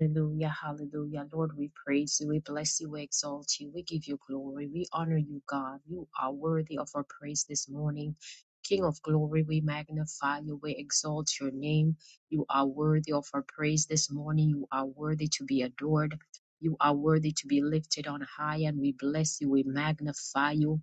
Hallelujah, hallelujah. Lord, we praise you, we bless you, we exalt you, we give you glory, we honor you, God. You are worthy of our praise this morning. King of glory, we magnify you, we exalt your name. You are worthy of our praise this morning. You are worthy to be adored. You are worthy to be lifted on high, and we bless you, we magnify you.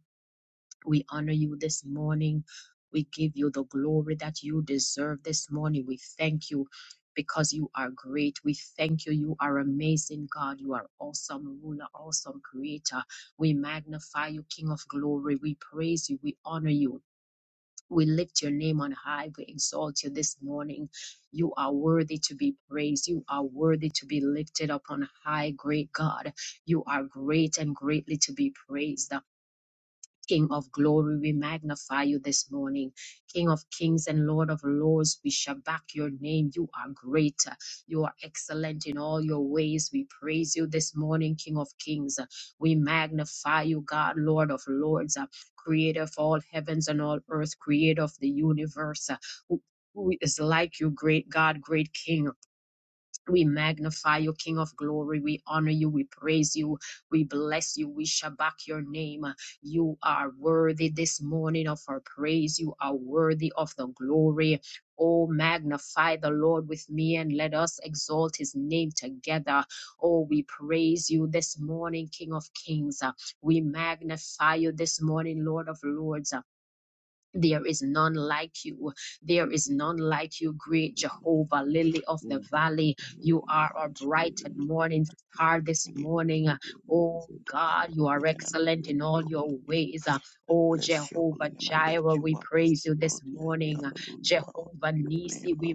We honor you this morning. We give you the glory that you deserve this morning. We thank you because you are great. We thank you. You are amazing, God. You are awesome ruler, awesome creator. We magnify you, King of glory. We praise you. We honor you. We lift your name on high. We exalt you this morning. You are worthy to be praised. You are worthy to be lifted up on high, great God. You are great and greatly to be praised. King of glory, we magnify you this morning. King of kings and Lord of lords, we shall back your name. You are great. You are excellent in all your ways. We praise you this morning, King of kings. We magnify you, God, Lord of lords, uh, creator of all heavens and all earth, creator of the universe. uh, Who who is like you, great God, great King? We magnify you, King of glory. We honor you. We praise you. We bless you. We shabak your name. You are worthy this morning of our praise. You are worthy of the glory. Oh, magnify the Lord with me and let us exalt his name together. Oh, we praise you this morning, King of kings. We magnify you this morning, Lord of lords. There is none like you. There is none like you, great Praise Jehovah, lily of the the Lord, valley. You we are our announce you as bright and only morning God and star King. this Indeed, all morning. the glory Oh deserved and God, you are praise and honor be excellent in unto all your your holy name. ways. I Oh bless your holy Jehovah name. I lift Jireh, you we up. I praise say, you this well. I say, morning. hallelujah Jehovah unto your Nisi, name. we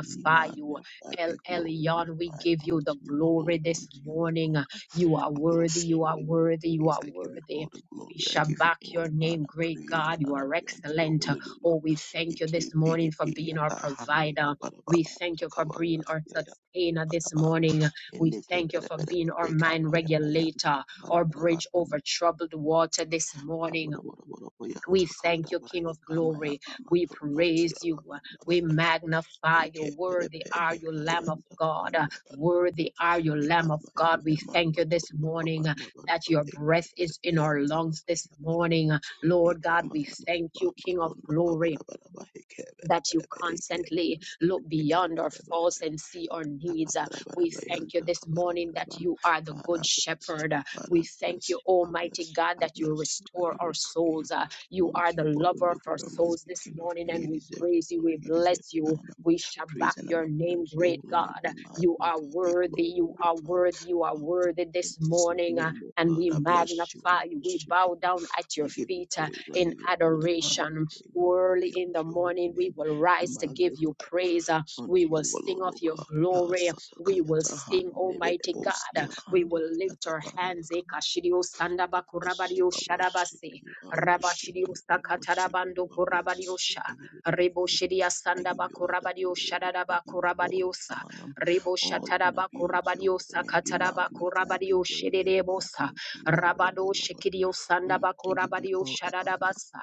Be you. magnified, El be Elyon, we glorified give you the unto you glory alone, this unto you morning. alone. You are I worthy, bless you you. are I give you worthy, you praise. are I give you worthy. all the We glory. I shall give you back all your the name, honor, great praise, God. and You honor are be unto your excellent. holy name. Oh, ah. we thank you this Ike morning for piripi being our yata handi provider. We kabarabama thank you for being tokabandas our yaya sustainer this baraba. morning. We Eneke thank you bere for bere being our eka mind paya paya regulator, our kabarabaraba. bridge over troubled water this morning. Kaboroborobo We yanta thank you, kabaraba. King of Eka maya glory. mama We tortosia praise you. kabanda We baraba. magnify you. Ike bere Worthy pe are you, eka Lamb of yanta God. kabanda baraba. Worthy are you, Lamb of Ikaba God. yambaye We thank you this amatondo morning uh, kabanda that baraba your breath is ekeberebe in our yantaka lungs this banda baraba morning. Lord God, ikama we yambaye thank you, King of amatondo glory kabara baraba that ekeberebe you ekeberebe constantly look beyond our ekeberebe faults and see our needs. Uh, We thank you Takabarabayanta this morning that kabarabarabam. you are the Father, good I bless you. shepherd. Uh, We Father, I bless thank you, you. I bless Almighty you. God, I that you bless you. I restore give our you souls. praise. Uh, You Unto are the you alone lover of the our glory must souls be this King of morning, Kings. and You we deserve the praise you. glory. We You deserve bless the you. honor. We shall back Praise and your honor be name, unto your great holy God. name. Be You are magnified. Be worthy. You are glorified. worthy. You are worthy And this is your morning. uh, name, O And God. we I bless you and I magnify you. We worship bow you. down at your I give you feet uh, praise. I in give you all the honor. adoration Praise and honor Early be in unto the your holy morning, we name. will Be rise to give you magnified praise. uh, We unto will you sing alone, of O your God. Lord, glory. We will Satakayata sing, Almighty God. uh, Hanebedebosia We will lift Handikayata our Banda hands. eh, Kabala. I sandaba bless you, kurabadio I worship shadabase, you, I worship rabashidio you, I worship sakatarabando you, I kurabadio bless you, sha, I give you rebo praise, shidia I give sandaba you all the kurabadio glory, I shadadaba give you all kurabadio sa, the honor, rebo all honor shataraba be unto your kurabadio holy name, be sakataraba magnified, be kurabadio shededebo glorified sa, unto you alone, rabado O Lord. shikidio Mm, sandaba I give you kurabadio all the honor. shadadabasa.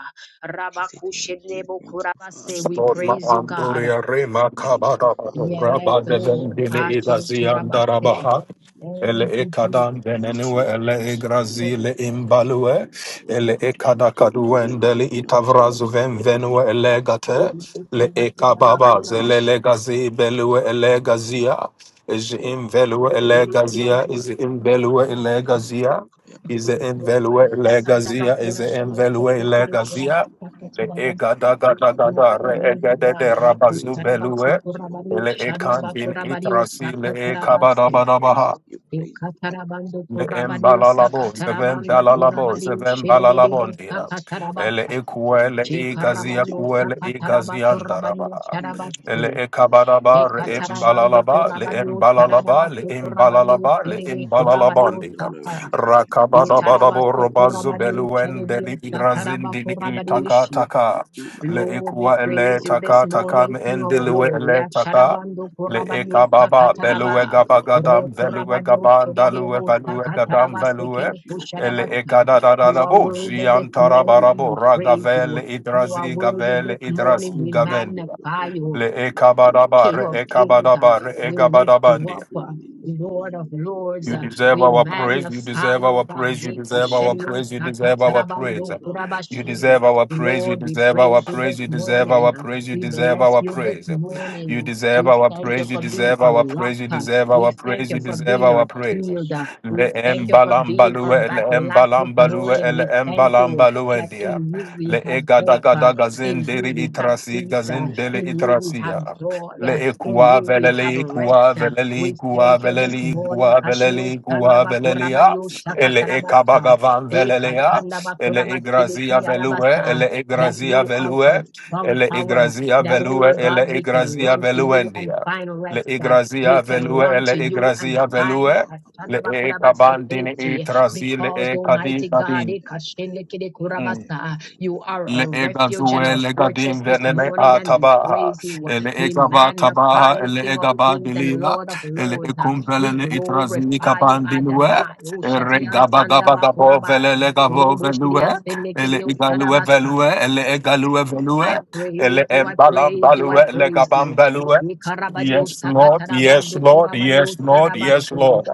I say thank you, Rabakushenebo thank you, kurabase. Father, We Lord, ma thank you, praise you, God. andoria Father, re ma thank you, kabada Father. I Yes, raba bless deven Lord. you, dile I Hashide bless idazian you, I kurabase. bless darabaha. you, I bless Ele you, Thank you, Jesus. I ekadan bless you, denenue and I ele worship you. I igrazi give le you praise, I imbalue give you all the ele honor, ekada praise and kaduendele honor be unto itavrazu ven your venue elegate We thank le you, Lord, kuraba- ekababa zele kurabashe. legazi belue elegazia is in velue holy name. Ere elegazia is kurabari, in kuraba- belue kurabashe. And elegazia the is Ere in honor, velue kurabari, sanda ba elegazia is Bless kurabari, in your velue holy name. I worship elegazia you. kurabasa I give Le you all the kurabasa. ega da honor. ga I da give ga you You are da all the re worthy, praise. ega de Um, God. de Ere rabazu Praise and honor kurabase, belue. belongs to you all kurabari, and Le then we oshanda ekan deserve the bin glory. kurabari, We itrasi deserve le osaka the e honor. Praise, kabada praise you, praise you. I praise Ikatarabando you, I praise kurabadio you. Embalalabo, I lift Seven your sakatarabando name up Dalalabo, this kurabadio Seven morning, oh God. shededebo Balalabondia, Bless your holy Ele sakatarabasa. name. Um, Equele I say, Egazia worthy, Shekarabadio Quele worthy, sakataraba hallelujah. kurabadio Egaziandaraba, Mm, I Ele sharabasu. bless you, Ecabaraba, I Re bless you, I Ikatarabando Embalalaba, bless Le you, kurabadio I bless you. Embalalaba, Le shararabasu kurabadio Embalalaba, Le shedede Unto you, O kurabadio Lord, the Embalalabondia, glory saka. must be King of Kings. You deserve Rakabadabadabo the Itarabasu glory, you kurabadio deserve the Robazubeluendeli honor, the Deli shededio praise, and honor sataraba be unto your Igrazindini kurabadio holy Taka name. shi. Ah, Taka, Be Le Lord, we magnified, Equa be Ele praise you this Taka glorified. Taka, morning, I King of thank Endelue you and I Glory. Ele bless Taka. you. Um, Asharabando Le I give korabanyo eka you baba praise, I belue give sakataraba. you gaba all the gadam honor, I velue give you Rokorabanyo all gaban praise. dalue chedebo Um, value all gadam sakataraba honor be velue sekere unto your holy ele name. Be eka kusharabata. da da da You da are bo magnified worthy unto this jian you, alone, morning O Lord, and I tarabarabo we praise Thank you ragavele and you. I bless You are your idrazi holy worthy name. gavele this idrazi morning. We Unto you, O gavenda Lord, the magnify glory you. le must be. I eka give you badaba King re of praise, I eka give kings, you uh, badaba all re the we honor. lift you ega up, uh, Praise and Lord of honor be unto lords, you your uh, holy deserve we name. our Be praise. You magnify deserve you, our magnified. God. praise. You deserve our Thank praise. You you, deserve our thank you, praise. Lord. I You worship Ikashediosakatarabandokurabashi. deserve you. our praise. You Lord, we I deserve our praise you bless this praise. you, You deserve Father. morning. our uh, praise. You We I deserve bless our you bless this you, praise. Father. morning. You uh, deserve We I our thank bless you praise. You for you, being deserve our our Father. rock. praise. You uh, deserve We our Unto you, thank praise. you You Lord, for O deserve being our our God. I praise. bless shield. uh, you. I We Le thank bless you you. for I being our bless embalambalue, you. le battle axe I this embalambalue, bless morning. you, le We holy thank name. you that embalambaluendia. in you we Akabakabakabaya. Le have hope. uh, egadagada In you gazindiri we have itrasi, peace. uh, Emekebebebebe. gazindeli in you we have itrasia. joy. Le uh, Yatabandabarabos. In ikua you we have veleli rest. ikua uh. veleli We Thank ikua thank you this you. veleli morning. ikua veleli Kashidio ikua Tandaba velelia Kurabadio ele Shakatarabasa. ekabagavan velele ya. Ekatandaba ele igrazia Kurabashidiki velue Alabasa. ele That igrazia you are our velue strong ele tower. igrazia That, velue oh ele God, we can igrazia run to you and veluendia find le rest. uh. We igrazia can velue run ele to you and igrazia find velue le Ekatandaba Kurabasa ekabandini safety. itrazi le Because, ekadi Almighty God, Eka kadi Ekashindikide Kurabasa. You are Le our ega refuge and zue our le fortress gadim this venene morning, a and we tabaha. praise you. Ele We ega ba magnify tabaha you, ele King of ega ba kings and dilia. Lord of Ele lords. Uh, ekum We velene itrazini glorify you, Thank kabandinue. Adonai. Ere Oshati and gaba gaba Sandaba gabo vele Kuraba. le gabo Robo Shidia velue. Ele Senekidi igalue velue ele egalue velue. I praise Ele you, I embalam praise you, I balue le praise gabam you. velue. Ikarabadio Yes, Lord. Yes, sakatarabando Lord. kurabadio Yes, Lord. Yes, sadabasu Lord.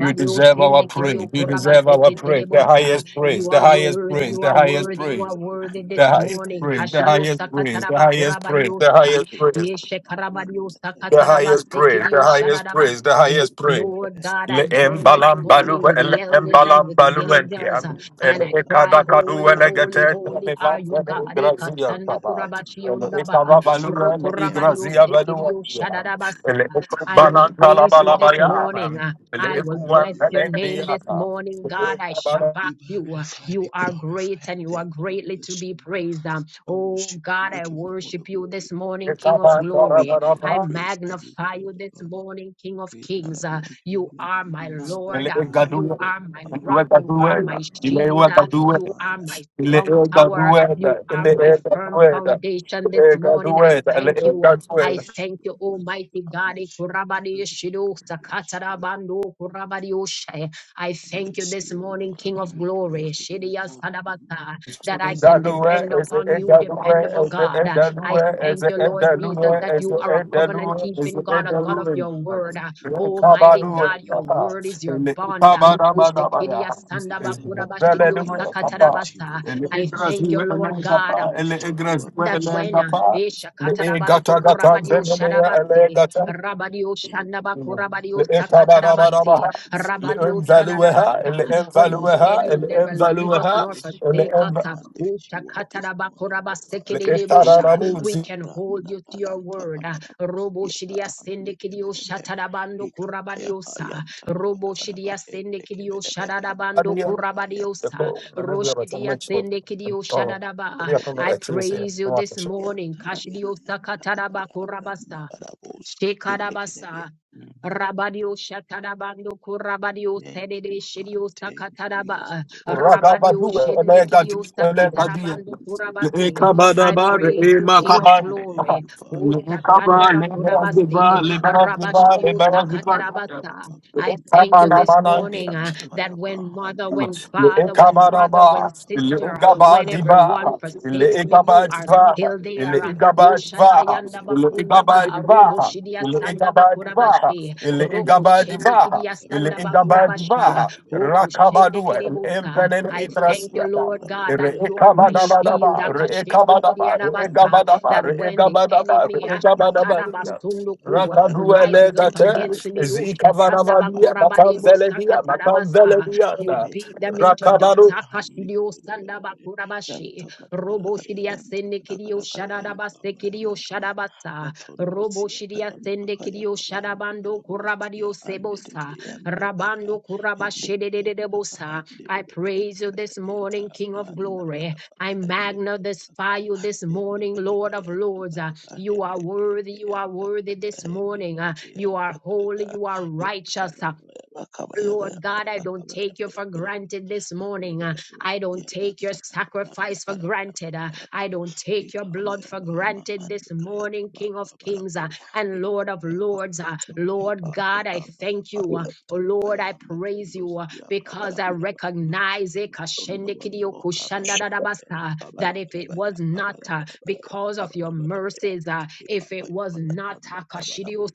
You deserve our praise. shenekidio You deserve our kurabaseke praise. The terebosa. highest You praise. you. The are highest worthy, praise. you The are Bakunda highest worthy, you are praise kuruhuka worthy abana this the highest barabaye morning. praise, the Kashidio highest praise, barabirenze the sakataraba highest praise, bakagera kurabadio the sa highest praise, ikaza yeshe karabadio twabanira the hano highest praise, ikebere the sakatarabasekidio bose highest praise, the shadabasa. highest praise. Lord bakandikebere God, Le I join this embalam hindekeke balu, morning with the le elders hendekeke and embalam with the balu hendekeke endia, angels. And le I cry, ekada yanzamaka kadu Holy, le holy, gete yabrana holy le are vanze barabuka you, God. le igrazia Ekasanda andikeberebe taba, le Father kurabachiyondaba, ekava bless balu your le holy name I igrazia balu lift you rokurabadiyosekidiyo up O endia, God. shadadabasa. le you I deserve will the ekubanan glory praise you talabala you this deserve the baya, morning. uh, honor le in I the will name of bless ekuan you your Le name endia this ta. morning, God. I shabak be you. uh, magnified, You be are great glorified. I and you are thank you. I greatly to bless be you. praised. um. I Oh, worship God, you. I I give you all the worship you glory. this morning, King of I give glory. you all the I Ekaban praise. I give you magnify all you the this honor. morning, King of Praise and honor kings. uh, be unto your you holy are name. Be my Lord. Ele um, magnified. You gaduwe. are my Thank Ele rock. you. You gaduwe. are Thank Ele gaduwe. my you, Ele Father. shield. uh, Thank you, gaduwe. You are my Father. Ele strong tower. gaduwe. You are Ele my firm foundation this morning. gaduwe. I Ele thank you. uh, I gaduwe. Bless thank you. you, Bless you. Almighty I God. eh, bless you. I kurabadi bless you. shido I bless sakatara you. bando kurabadi oshe. I I thank you bless you, this O morning, Lord. King I give of you praise. Glory, I give you shidiya all the honor. sadabaka, that I I say, can well to depend Dalue is world, the upon end you, Dalue dependable hallelujah, is the God. end Uh, unto I you, O Dalue Lord, is thank the you, end Lord unto Dalue you, O Jesus, Lord, that unto is you the are a end you, O Lord, covenant Dalue unto is you, keeping the O God, end a Lord. God of Dalue. your word. Unto Uh, you alone, O Almighty God, Kabalue, God, we your deserve word it. is your bond. Kabalabaya You is deserve the glory, King of Dalue, King. Unto Papa. you alone, Ele I I igras bless thank you. you, hiwe Lord ele God I gapa, ele worship you. igras I hiwe that bless ele you. when uh, Holy and gapa, mighty Esha ele God. Katarabasu gata You gata Kurabadio worthy, zemele worthy, ele Shadabase, gata, hallelujah. Rabadio Worthy, worthy, Shanabakurabadio ele hallelujah. Unto you Sakatarabase, kabarabarabaha, alone, King of King. ele You Rabadio deserve the Shadabasa, glory. envalueha, ele when you Bless envalueha, said your you'll ele holy never name. I leave us nor bless your forsake holy us, envalueha, name. uh, I lift Ucha you up this morning, O God. Katarabakurabaseke Leketararabu we Hekayata can hold branda you to your payanta word. uh, kabarabus Robo yata Shidia hande Sendekidio kebedebe. Shatarabando Hekapaya Kurabadiosa, payanta Robo kabarabaraba Shidia hende Sendekidio kebedebe yanta Shadabando zidadia. kabaraba Kurabadiosa, Yako, yanta nanebia Roshidia batama chiko. Sendekidio Oh, Shadaba. Bia kebede kama I actually say, praise you no one can this show. morning. yanta rabia Kashdio yanta Sakataraba rabia Korabasa. branda barabus hende kebedebe. Shekarabasa. Mm. Rabadio Shatarabando Kurabadio Thank Sedede you, Father. Shidio Thank you, yes, Sakataraba Lord. Thank you, King Rabadio Ragabadu, of Kings. You deserve Shenekidio the elegadi, glory. elegadia. Sakatarabando Father, Kurabasi. Thank I Lekabadaba, you, praise thank you, you, King of Father, reemakabane. thank Glory. you, O Father. Lekaba, Shatanaba Ikebelebus, Kurabasi lebaraziba, lebaraziba, Rabashidio Yantakarabaya, lebaraziba. Branda, Sakatarabasa. Kabaraba, I Branda, thank you this Kabaraba, morning Lekabanabana. uh, that Ikapaya, when mother, Pahandi, when Le father, when brother, when Ekabaraba, Kayata, Le sister, when everyone Ugabadiba, forsakes Le me, you are Egabadiva, still Le there. uh, Kabaraba, O Egabadiva, Shatayanda Le Yantakabana bakunda ba Banaba arobo Egabadiva. and shidia Le sanda Nikedabos Egabadiva, bakurabashi. Yantakayaba Le Roko and shende Egabadiva, kidia Le sanda bakurabasha. Egabadiva, Nikedabaya Oko shende Rakabadua, El kidebusa. Embanen Matunda I thank you, Idrasia, Lord God, Kabanabanabanaba that you are my Hedekaya shield. Re-ekabadabadaba, Akashende Kabandasia kidia re-ekabadaba, nabasa. re-egabadaba, That Kabandasia when the re-egabadaba, enemy Ikapayaba ashatada Ikapayaba basunduku rises up Yantakaya against me, Matundusia oshatanda bakurabadebosa matamveledia, Kabanabanabanaba katarabasa. You matamveledia. beat them Hedekaya into dots. Rakabaru. Akashidio sanda Tabaya bakurabashi. Yanta kada kada Robo kaya shiria yanta sende kada kidio kada kaya yaka shadadabaste maya kidio maya ma shadabata. matondo Robo siya shiria kaya yanta sende kaya kidio kabanda bela shadabando bosiya kurabadio ande sebosa. deke yanta kaya Rabando hende kurabashede de kaya kata kurabashedededebosa. kahande I bele bele praise you bele bele this bele ta morning, King of branda glory. bada ba I hende kaya taka magnify you this hende morning, kele Lord ke of yanta lords. Uh, kada ka You are hende ke worthy, ke you are yanta kada worthy ka this hende morning. kele Uh, ke You are yanta kada ka holy, you are hende righteous. Uh, kamaya maya ma kamaya maya Lord maya God, I ma don't kamaya take you maya for maya granted this morning. Uh, I don't take your sacrifice for granted. Uh, I don't take your blood for granted this morning, King of Kings uh, and Lord of Lords. Uh, Lord God, I thank you. Uh, oh Lord, I praise you uh, because I recognize eh, kashendekidio kushandadadabasa, that if it was not uh, because of your mercies, uh, if it was not uh, kashidio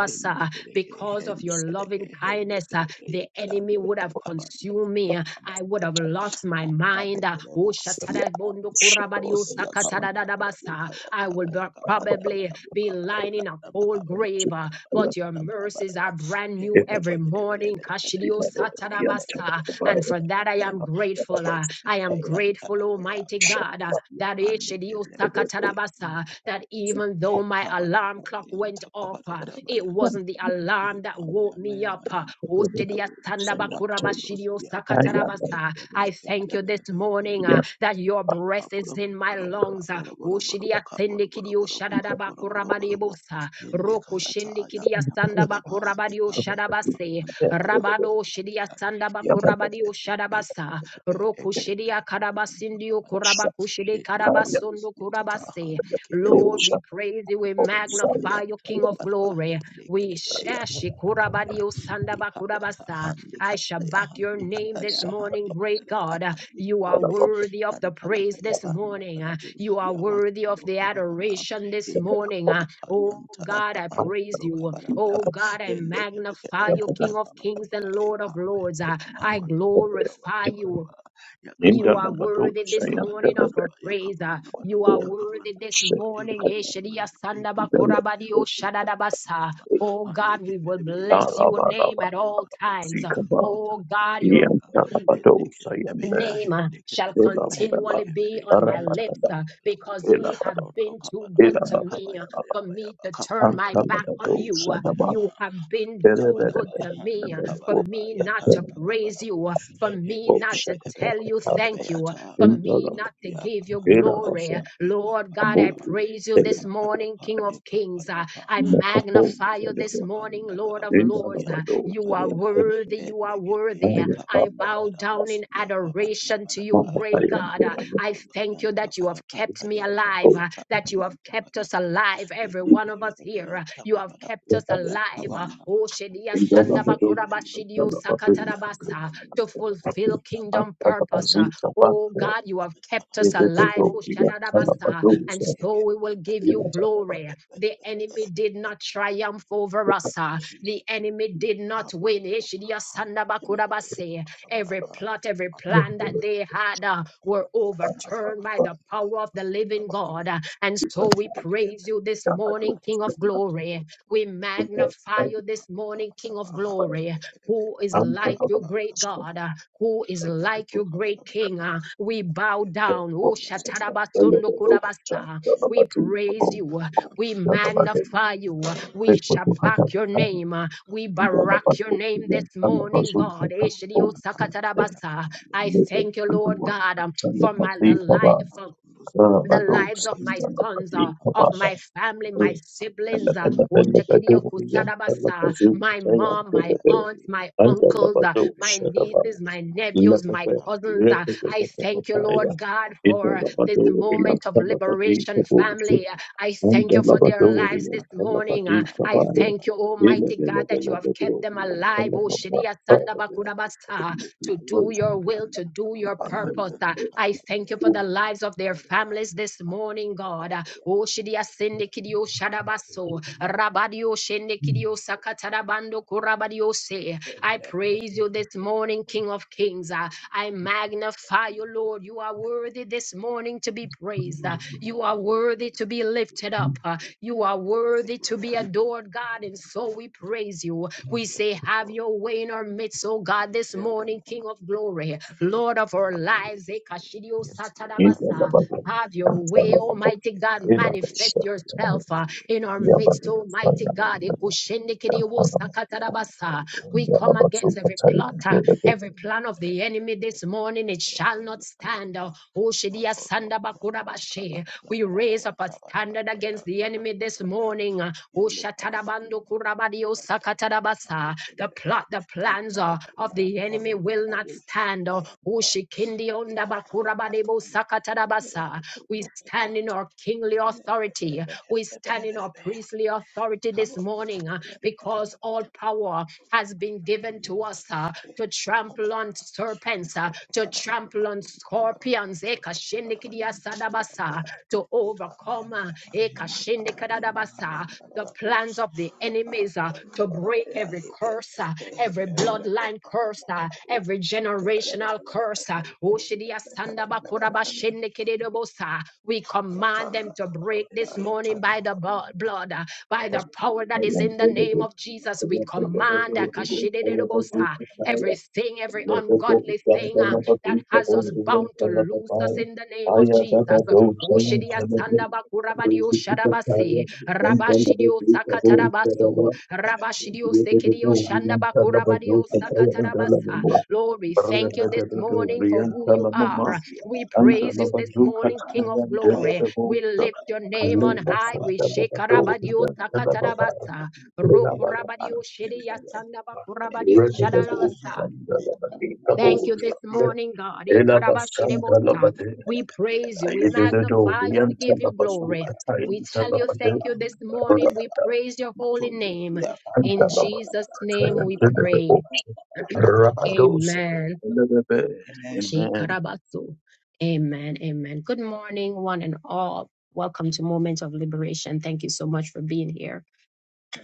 Hende kereke, because of hende your kereke, loving kindness, uh, the enemy yataranda, would have yakabanda, consumed me. uh, I would have yakadandaja. lost my mind. uh, oh, Abelebosia, shatadabondo kurabadio Abelebosia, Kabanda, sakatadadadabasa, Badabokaya, I would Takaya, Kabanda, probably be Badaboka, lying in a cold grave, uh, but your mercies Badabadabadabakabadabadabadabadabadabadabadaba. are brand new every morning. Kashidio satadabasa, And for that, I Henekebedebedebedebedebedebedebedebedebedebedebedebe. am grateful. uh, I Ikebebe, am grateful, Yantanakaya, Almighty God. uh, Brandasia, that Andekebedebosia. Eshediosakatarabasa, that even though my alarm clock went Kabarabarabayanta, off, uh, it kabarabarabayanta, wasn't the alarm that woke me up. uh, kabarabahebamayamayanta, kabarabu, matondosia, kaanduke, Oshediasandabakurabashidiosakatarabasa. I bebeke, thank you this belebelebekebe, morning uh, that your breath is in my kaboroborobo, lungs. uh, kaboroborobo, kaboroborobo, kaboroborobo, Oshediasendekidioshadadabakurabadebosa, hende kayataya, kabaraba, ekamayama, Rokushendekidiosandabakurabadioshadabase. manto kabanda, Rabado Shidia balabaya, Sandaba Ninda Kurabadio ikebelepe, Shadabasa ekebelepe, Roku Shidia ekebelepe, yanto Karabasindio kabaraba, Kurabakushidi hende Karabasundu kabusia, tata, Kurabase. hande Lord, we praise you, we Matolo magnify you, Kayanta King of Kabaraba glory. We Hindikayanta shashi Kadaya Kurabadio Sandaba Hikayata Kurabasa. Handi I shall Kadaya back your Handi name Kadaya this morning, Handi great Kadaya God. Handi You are Kirebe worthy of the Yantara praise this Kayabanda morning. You are Karabusia worthy of Matolo the Kabaraba adoration this morning. uh, Hikapaya Oh Payantara God, I praise Kamatolo you. Kabaraba Oh God, I magnify you, Hindikayanta King of kings Kabayaba and Lord of Hikamaya lords. uh, Payama I Matolo glorify Kabaraba you. You are worthy Yakabanabanaba, this morning of our Yakabanabanaba, praise. uh, You Yakabanabanaba, are worthy this Yakabanabanaba, morning. Eshedia Yakabanabanaba, sandaba Ekamayamyama, shadadabasa. Ekamayamyama, Oh God, we will Handekebebeya, bless your name at Tandakayakaya, all times. Kandakadakaya, Oh God, you're Yatandakadakaya, Yantanabadosa Hendekebebeya, yande name uh, shall Hendekebedeya, elabadaba continually be Hendekebedeya, on my lips arabadaba uh, Yatandakadakaya, because you have elabada Rondo been too good to Kabanabaya me uh, Kabaya elabakamalaba for Bayabaya me to Kabaya turn my back Bayabaya on Bahika antanabadosa you. uh, daba Mayama You have been Hande too good Kabadaba to me Hande uh, for ereberebereberebebo Kabadaba me not to Yatanda yantenemenemebo praise you, uh, Kabadabus for me Hende not to Kebede Bede tell you Bede Bede shakatakatarba thank you, uh, Beyata for me indalaba not Matondos to give you Yakabanda glory. elabasa uh. Banaba Eka Lord God, I Payapa aburi praise you ele Eka this morning, Payapa King of Eka Kings. uh, Payapa I makato magnify Matondos you this elebe morning, Yakabanda Lord of Badabus Lords. Uh, Yanda indalabadosa You are Kabaraya yantene worthy. You are Hende Kebeya worthy. Uh, aya I Kabanda baba bow down Badabus in Yakabanda adoration to you, Badaba makata great God. Uh, Matondo yantene I do thank you kayanta that you have kayaka kept me kayanta alive, uh, kayaka that you have kayanta kept us kayaka alive, every one of us edekelele here. uh, beyanta You have kabara kept us usya alive. uh, kabanda Oh, Shedia Thank you. ekebele Sandabakurabashidio takada ya Sakatarabasa, to kabanda fulfill kabanda kingdom purpose. uh, matondo Oh kabara God, you have kept kabanda us ya alive. Oh Shadadabasa ekebele and so we will give you ekebele glory. The enemy did not triumph over us. ah. The cheese enemy did not kabo win. yata hande kebele Eshidiasandabakurabase. beyanta kabara Every ba plot, every plan matondo that they kayanta had ah, kabara ba were kabaya baya overturned by the kabaya power of the living kabaya God. ah. And so Thank we you. praise you this morning, King of glory. We magnify you this morning, King of glory. Who is like you, great God? uh, who is like your great king. uh, We bow down. Oh, Shatarabasundo Kurabasa. We praise you. uh, We magnify you. uh, We shabak your name. uh, We barak your name this morning, God. Eshidio Sakatarabasa. I Thank thank you, Lord God, um, for my the life. not Um, on those the lives Father, of yes, my Lord. sons, uh, I of bless my you, I family, bless my you, I bless siblings, you, uh, I bless you, I Oshakidio bless you, I Kusadabasa, bless you. my mom, my Father, I aunts, pray, my uncles, uh, pray, my have your way nieces, this my morning, oh nephews, God, my have your cousins. way uh, in our I hand. thank you, Lord Master God, for hand. for this moment of liberation, family. Uh, I thank you for their lives this morning. uh, I thank you, Almighty God, It that you have kept them alive. Oshidia Sandabakudabasa to do your will, to do your purpose. Uh, I thank you for you. the lives of their families this morning, God. Uh, Oh, Shidia Sindikidio Shadabaso, Rabadio Shendikidio Sakatarabando Kurabadio Se. I praise you this morning, King of Kings. Uh, I magnify you, Lord. You are worthy this morning to be praised. Uh, You are worthy to be lifted up. Uh, You are worthy to be adored, God. And so we praise you. is We there, say, Have Doctor. your way in our midst, oh It God, is this morning, there, King of glory, pray Lord as of we our have your way lives. this morning. Ekashidio Yes, Lord, Thank have your Satarabasa. way. Have your Have your way, way, King of Almighty Kings. God. Have your way. Manifest Have your way, yourself uh, oh Lord. in our Have you. your midst, way. Almighty God. Ekushendekidio Sakatarabasa. We come against every plotter, every plan of the enemy this morning. It shall not stand. uh, Oshidia Sandabakurabashe. We raise up a standard against the enemy this morning. uh, The plot, the plans uh, of the enemy will not stand. uh, Kaya We stand in our kingly authority. We stand in our priestly authority this morning uh, because all power has been given to us uh, to trample on serpents, uh, to trample on scorpions to overcome uh, ekashindikadadabasa, the plans of the enemies uh, to break every curse, uh, every bloodline curse, uh, every generational curse. uh, oshidiasandabakurabashindikididobosa. We command them to break this morning by the bo- blood, uh, by the power that is in the name of Jesus. We command uh, kashidididobosa, everything, every ungodly thing uh, that has us bound to loose us in the name of Jesus. Ushidia Sandaba Kurabadio Shadabasi, Rabashidio Sakatarabaso, Rabashidio Sekidio Shandaba Kurabadio Thank you. Sakatarabasa. Lord, we thank Amen. Kaya you this morning for Brahmasya who you are. Brahmasya We praise you this Brahmasya morning, King of Raya Glory. We lift Kabala, your name on Raya, high. We Kabala, shake Raya, Rabadio Kabala, Raya, Sakatarabasa, Brahmasya, An, Rokurabadio Shidia Kaya, Sandaba Ende Kurabadio Kaya, Hen, Shadabasa. Kaya, Thank you Brahmasya, this Kaya, morning, God. Kaya, Kaya, Ikarabashirebosa. We Kaya, praise you. We Hen, magnify you. We Kabala, give you glory. Kaya, We tell you thank Kabala, you this morning. Kaya, We praise your holy Maksud, name. Ya, Kabala, In Kabala, Kabala, Kabala, Jesus' name Kabala, we Kabala, Kabala, Kabala, pray. Amen. Amen. Shikarabasu. Amen. Amen. Good morning, one and all. Welcome to Moment of Liberation. Thank you so much for being here.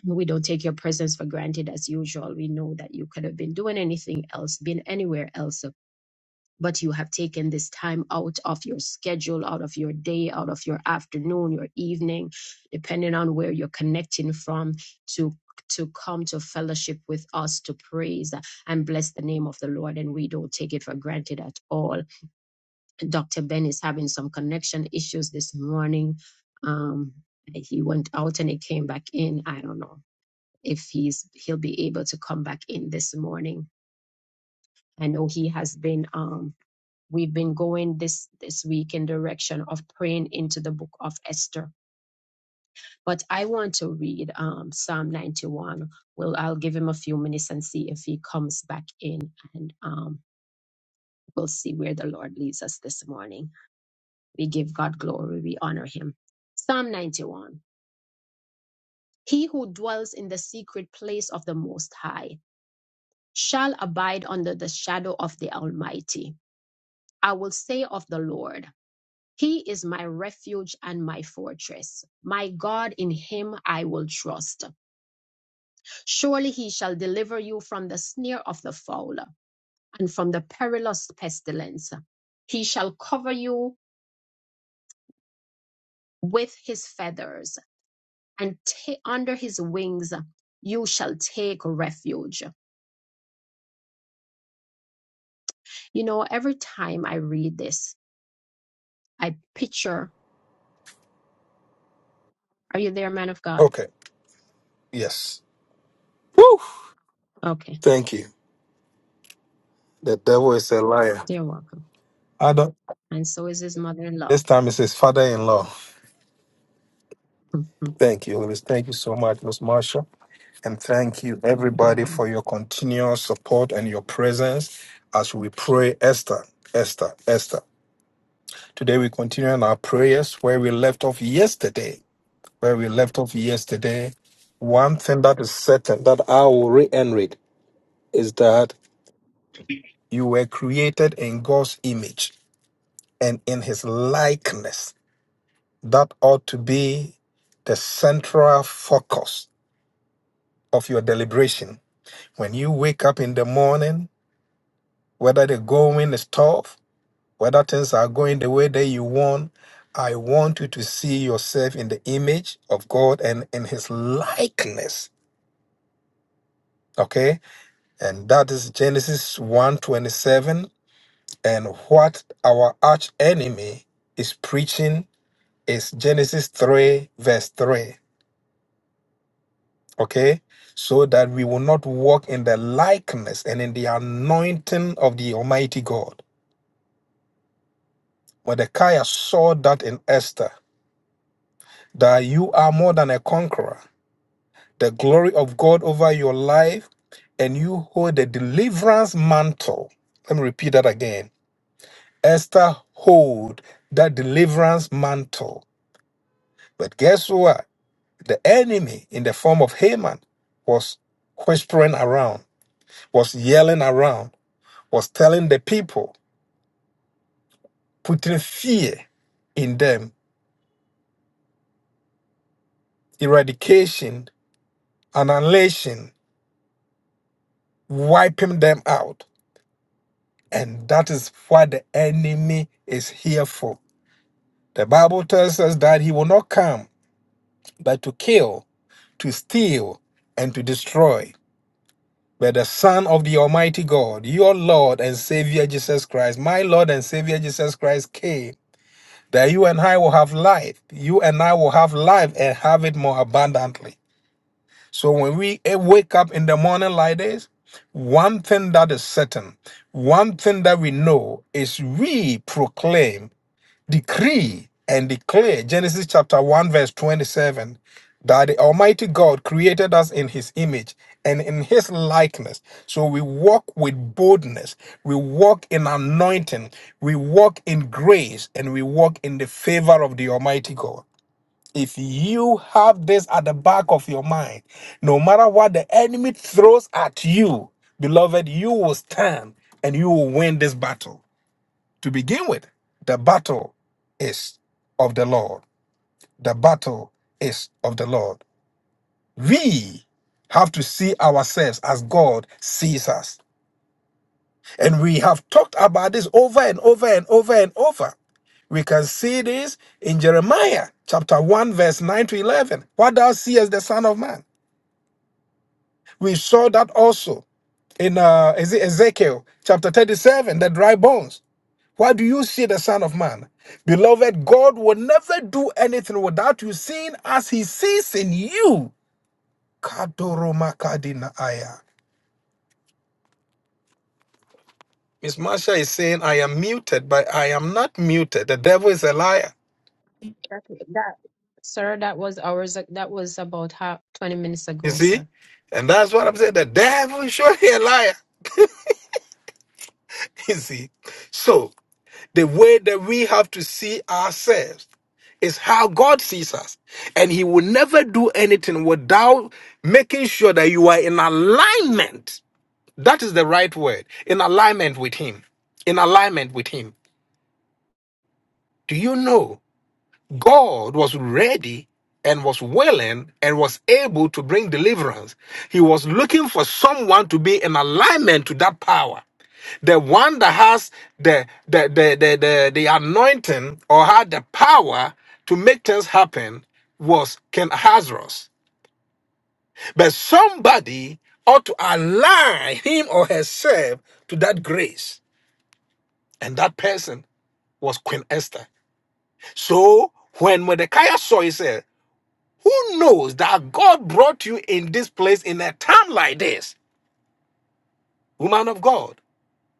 We don't take your presence for granted as usual. We know that you could have been doing anything else, been anywhere else so but you have taken this time out of your schedule, out of your day, out of your afternoon, your evening, depending on where you're connecting from to to come to fellowship with us to praise and bless the name of the Lord and we don't take it for granted at all. Dr. Ben is having some connection issues this morning. Um he went out and he came back in. I don't know if he's he'll be able to come back in this morning. I know he has been um we've been going this this week in direction of praying into the book of esther but i want to read um, psalm 91 well i'll give him a few minutes and see if he comes back in and um, we'll see where the lord leads us this morning we give god glory we honor him psalm 91 he who dwells in the secret place of the most high shall abide under the shadow of the almighty i will say of the lord He is my refuge and my fortress. My God, in him I will trust. Surely he shall deliver you from the snare of the fowler and from the perilous pestilence. He shall cover you with his feathers, and ta- under his wings you shall take refuge. You know, every time I read this, I picture, are you there, man of God? Okay, yes. Okay, Thank you. The devil is a liar. you're welcome. I don't, And so is his mother in law. this time it says father in law. Go Thank you, Louis. Thank you so much, Miss Marshall. And thank you, ahead. everybody, for your continual support and your presence as we pray, Esther, Esther, Esther. Today we continue in our prayers where we left off yesterday. Where we left off yesterday, one thing that is certain that I will reiterate is that you were created in God's image and in His likeness. That ought to be the central focus of your deliberation. When you wake up in the morning, whether the going is tough, whether things are going the way that you want. I want you to see yourself in the image of God and in his likeness. Okay? And that is Genesis one twenty-seven. and what our arch enemy is preaching is Genesis 3 verse 3. Okay? So that we will not walk in the likeness and in the anointing of the Almighty God. Mordecai saw that in Esther, that you are more than a conqueror. the glory of God over your life, and you hold the deliverance mantle. Let me repeat that again. Esther hold that deliverance mantle. But guess what? The enemy in the form of Haman was whispering around, was yelling around, was telling the people, putting fear in them, eradication, annihilation, wiping them out. And that is what the enemy is here for. The Bible tells us that he will not come but to kill, to steal, and to destroy. But the Son of the Almighty God, your Lord and Savior Jesus Christ, my Lord and Savior Jesus Christ came that you and I will have life. You and I will have life and have it more abundantly. So when we eh, wake up in the morning like this, one thing that is certain, one thing that we know is we proclaim decree and declare Genesis chapter 1, verse 27 that the Almighty God created us in His image and in His likeness. So we walk with boldness, we walk in anointing, we walk in grace, and we walk in the favor of the Almighty God. If you have this at the back of your mind, no matter what the enemy throws at you, beloved, you will stand and you will win this battle. To begin with, the battle is of the Lord. The battle is of the Lord. We have to see ourselves as God sees us. And we have talked about this over and over and over and over. We can see this in Jeremiah chapter 1, verse 9 to 11. What thou seest, the Son of Man. We saw that also in uh, is it Ezekiel chapter 37, the dry bones. Why do you see the Son of Man? Beloved, God will never do anything without you seeing as He sees in you. Kadoromakadinaaya. Miss Marsha is saying, I am muted, but I am not muted. The devil is a liar. That, that, sir, that was hours. ag- That was about half, twenty minutes You ago, see? sir. And that's what I'm saying. The devil is surely a liar. You see? So, the way that we have to see ourselves is how God sees us. And He will never do anything without making sure that you are in alignment That is the right word. In alignment with Him. In alignment with Him. Do you know God was ready and was willing and was able to bring deliverance? He was looking for someone to be in alignment to that power. The one that has the the the the, the, the anointing or had the power to make things happen was Ken Hazros. But somebody ought to align him or herself to that grace. And that person was Queen Esther. So when Mordecai saw, he said, Who knows that God brought you in this place in a time like this? Woman of God,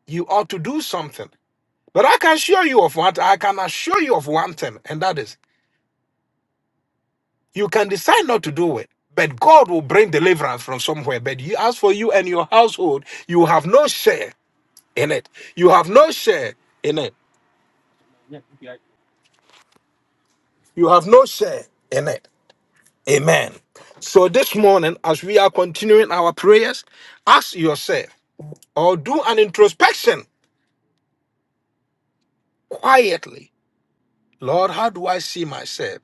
you ought to do something. But I can assure you of what I can assure you of one thing, and that is you can decide not to do it. But God will bring deliverance from somewhere. But you, as for you and your household, you have no share in it. You have no share in it. You have no share in it. Amen. So this morning, as we are continuing our prayers, ask yourself or do an introspection quietly. Lord, how do I see myself?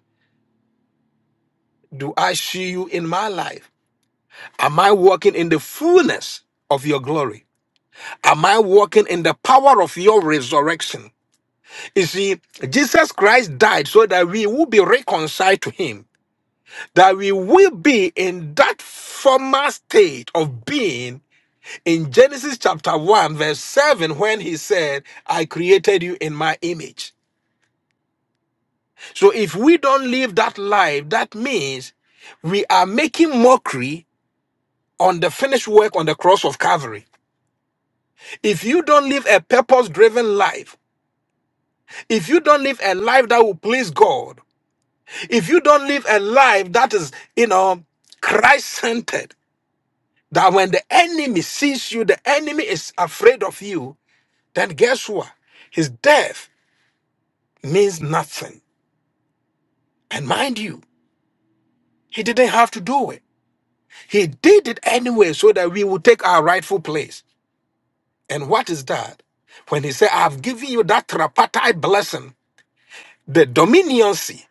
Do I see you in my life? Am I walking in the fullness of your glory? Am I walking in the power of your resurrection? You see, Jesus Christ died so that we will be reconciled to him, that we will be in that former state of being in Genesis chapter 1, verse 7, when he said, I created you in my image. So if we don't live that life, that means we are making mockery on the finished work on the cross of Calvary. If you don't live a purpose driven life, if you don't live a life that will please God, if you don't live a life that is, you know, Christ centered, that when the enemy sees you, the enemy is afraid of you, then guess what? His death means nothing. And mind you, he didn't have to do it. He did it anyway so that we would take our rightful place. And what is that? When he said, I've given you that tripartite blessing, the dominioncy,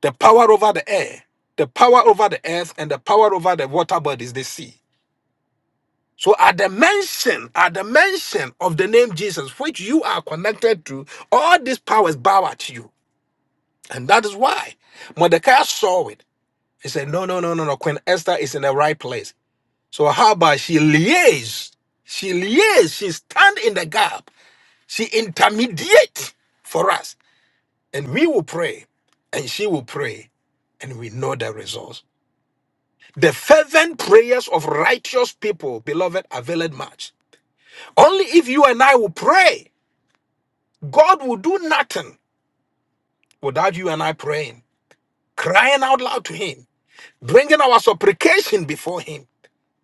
the power over the air, the power over the earth, and the power over the water bodies, the sea. So at the mention, at the mention of the name Jesus, which you are connected to, all these powers bow at you. And that is why Mordecai saw it. He said, No, no, no, no, no. Queen Esther is in the right place. So how about she liaise? She liaise. She stand in the gap. She intermediate for us, and we will pray, and she will pray, and we know the results. The fervent prayers of righteous people, beloved, availeth much. Only if you and I will pray, God will do nothing without you and I praying, crying out loud to Him, bringing our supplication before Him.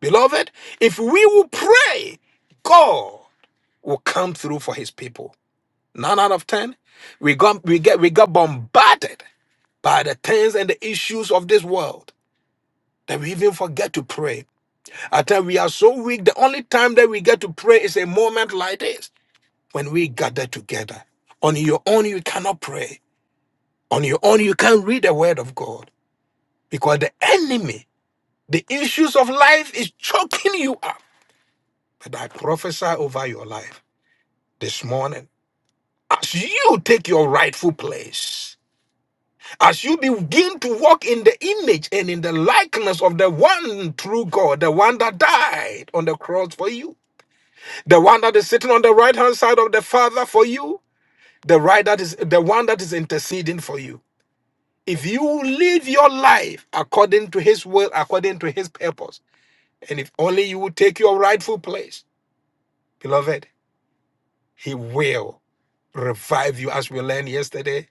Beloved, if we will pray, God will come through for his people. Nine out of ten. We got we get we got bombarded by the things and the issues of this world that we even forget to pray. At times we are so weak. The only time that we get to pray is a moment like this when we gather together. On your own, you cannot pray. On your own, you can't read the word of God because the enemy, the issues of life is choking you up. But I prophesy over your life this morning as you take your rightful place. As you begin to walk in the image and in the likeness of the one true God, the one that died on the cross for you, the one that is sitting on the right hand side of the Father for you, the right that is the one that is interceding for you. If you live your life according to his will, according to his purpose, and if only you would take your rightful place, beloved, he will revive you as we learned yesterday,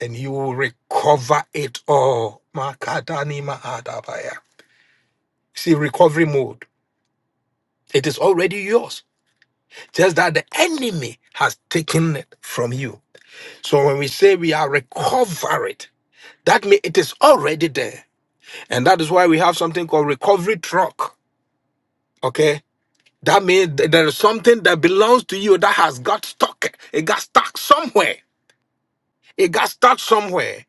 and you will recover it all. Makadani maadabaya. See, recovery mode. It is already yours. Just that the enemy has taken it from you. So when we say we are recovered, that means it is already there. And that is why we have something called recovery truck. Okay. That means th- there is something that belongs to you that has got stuck. It got stuck somewhere. It got stuck somewhere.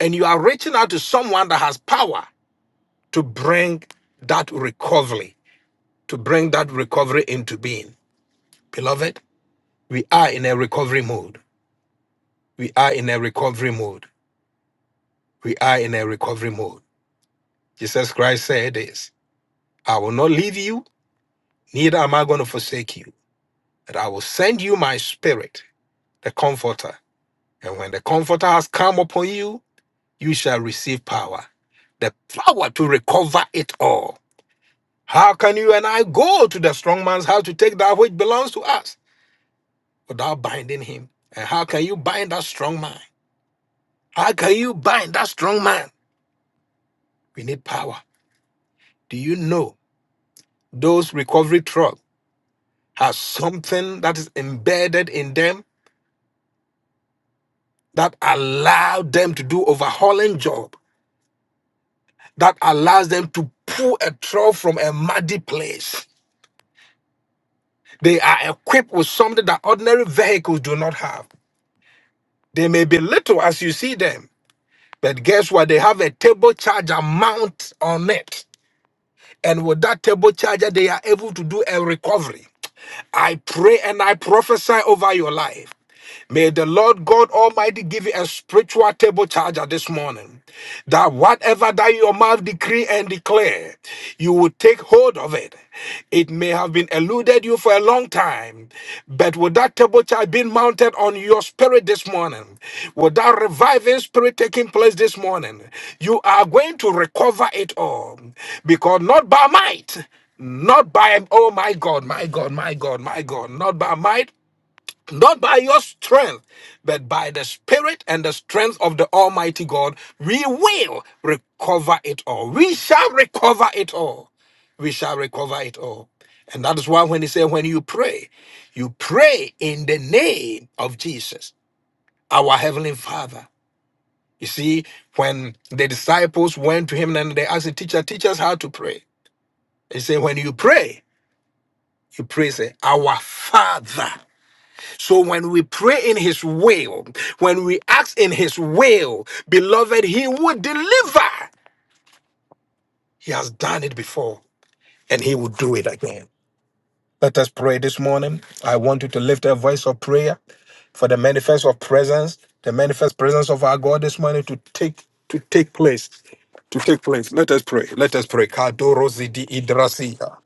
And you are reaching out to someone that has power to bring that recovery, to bring that recovery into being. Beloved, We are in a recovery mode. We are in a recovery mode. We are in a recovery mode. Jesus Christ said this I will not leave you, neither am I going to forsake you, but I will send you my spirit, the Comforter. And when the Comforter has come upon you, you shall receive power, the power to recover it all. How can you and I go to the strong man's house to take that which belongs to us without binding him? And how can you bind that strong man? How can you bind that strong man? We need power. Do you know those recovery trucks have something that is embedded in them that allow them to do overhauling job, that allows them to pull a truck from a muddy place? They are equipped with something that ordinary vehicles do not have. They may be little as you see them, but guess what? They have a table charger mount on it. And with that table charger, they are able to do a recovery. I pray and I prophesy over your life. May the Lord God Almighty give you a spiritual table charger this morning. That whatever that your mouth decree and declare, you will take hold of it. It may have been eluded you for a long time, but with that table charge being mounted on your spirit this morning, with that reviving spirit taking place this morning, you are going to recover it all. Because not by might, not by oh my God, my God, my God, my God, not by might, not by your strength, but by the Spirit and the strength of the Almighty God, we will recover it all. We shall recover it all. We shall recover it all. And that is why when he said, when you pray, you pray in the name of Jesus, our Heavenly Father. You see, when the disciples went to him and they asked the teacher, teach us how to pray. He said, when you pray, you pray, say, our Father. So when we pray in his will, when we act in his will, beloved, he will deliver. He has done it before and he will do it again. Let us pray this morning. I want you to lift a voice of prayer for the manifest of presence, the manifest presence of our God this morning to take to take place. To take place. Let us pray. Let us pray. Kadoro zidi idrasia.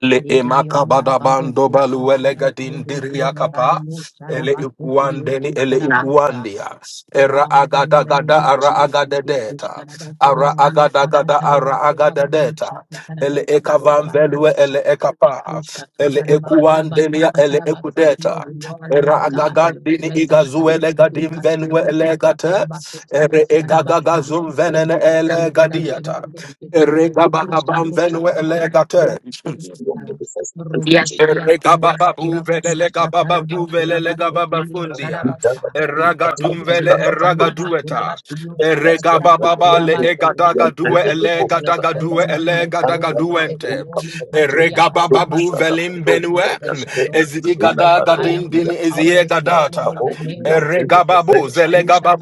Le emaka Gedionda badabando Baroko balu elegadin Satarabando diriakapa. Korabani Ele Sarabasa iguandeni ele iguandia. Era Father, in agada the name gada of ara Jesus, agada we push deta. Ara Karabakurabarius, agada gada ara agada Sakatarabakurabarius, deta. Ele ekavan velue Sakatarabakurabarius, ele ekapa. Ele ekuandenia ele Sakatarabakurabakatarabasa. Here ekudeta. we are, Era Lord God, in your agagandini presence. igazue legadim venue Ikashio, elegate. Sakatarabasekiri, Ere Sharabasa. egagagazum venene Manifest yourself in all elegadiata. this this Ere moment. gabagabam Kashio, venue elegate. Sakatarabakurabarius, Robo Amen. Shriya, Eregababa buvele Sandabakurabarius, legababa duvele legababa Sakatarabakurabarius, fundia. Sharabasa. Eragadumvele Interior Sandaba eragadueta. Kurabas Studio Sakataraba Eregababa le Kurabasi. egadaga due Manifest elegadaga yourself due in our midst, O elegadaga God, this duente. morning. Eregababa Hashaliakastabasa. buvelim A benue. fresh anointing, fresh Ezigadaga fire, fresh dindini power this morning in eziegadata. the name of Jesus. Thank Eregababu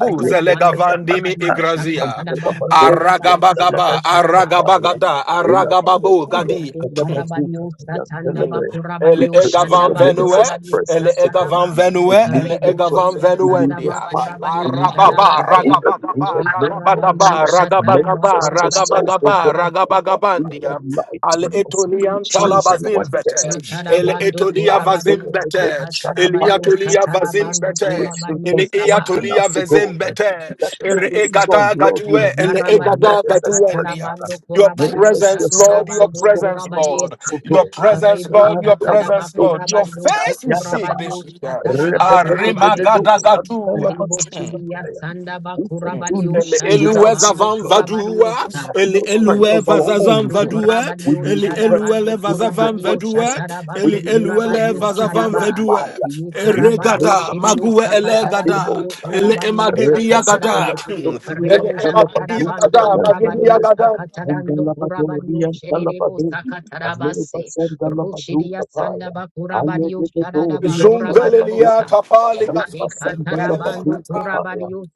We pray zelegavandimi kurabadi, igrazia. ushakatarabando kurabadi, Aragabagaba usakatarabas. aragabagada aragababu gadi. Ekarabanio satanda Mm. Elle bakurabanio est for shanda gavan your venue, manifest bakurabanio elle presence, est O God. sataraba. gavan venue, We need elle Rebo est your gavan presence. shigia We sanda need your venuendia. fire. We bakurabanio need your Arababa, sharabaste. power. In ragabagaba, the name of Ikurabanio ragabagaba, Jesus, sataraba ragabagaba, manifest kurabanio yourself, O ragabagaba, God, sharabas. in our ragabagandia. light, Al in our etonian situations, Jesus. in talabazim our bete, destiny, O el God. Ekarabando etonia And then vazim kurabanio the Lord bete, shall elia sakatarabanio abide tolia of the vazim satarabando bete, situation kurabanio Ini iya saba. confronting us, O God. vezembete. That is Ere too strong, egada Lord. We gadue, need ele your egada Ikarabadiosa manifest gaduendia. presence. katarabando Your Manifest korabadiosa presence, yourself, Lord, your tarabando exalt presence, Lord, yourself, korabadese. O your God. presence, Lord, Rebosha your taraba presence, Andalabado Lord, your korabadioso face we seek yadaba. this korabadiosha year. taraba Rebededededo korabadese. Arima Ribochidia sandaba we can do Ele korabadiosha nothing eluwe without you, tarabando zavan God. vadua, We korabadiosa. have ele no strength eluwe of our Ibe vazavan own, su God. vadua, We korabadio need ele your eluwe presence. le shadabando We need your vazavan korabadio presence. vadua, We ele shatarabasu need your eluwe le korabadio presence. We need vazavan your shadaba. vadua. fire. Ibe In the karabado name Eregada of shidio maguwe Jesus, elegada, sakatarabando Kadebosa, ele korabadio emagidi sakataraba. yagada, Rekesetelebe, ele Rebo Dobiantelebe, emagidi shatarabando yagada, magidi Dutakayantele, korabadio yagada. sakatarando korabadio shedebo sakatarabase. Rushidia sandaba korabadio shadadaba Zumbelelia korabadebosa. tapali kasunzelwe Ekatarabando elegada. korabadio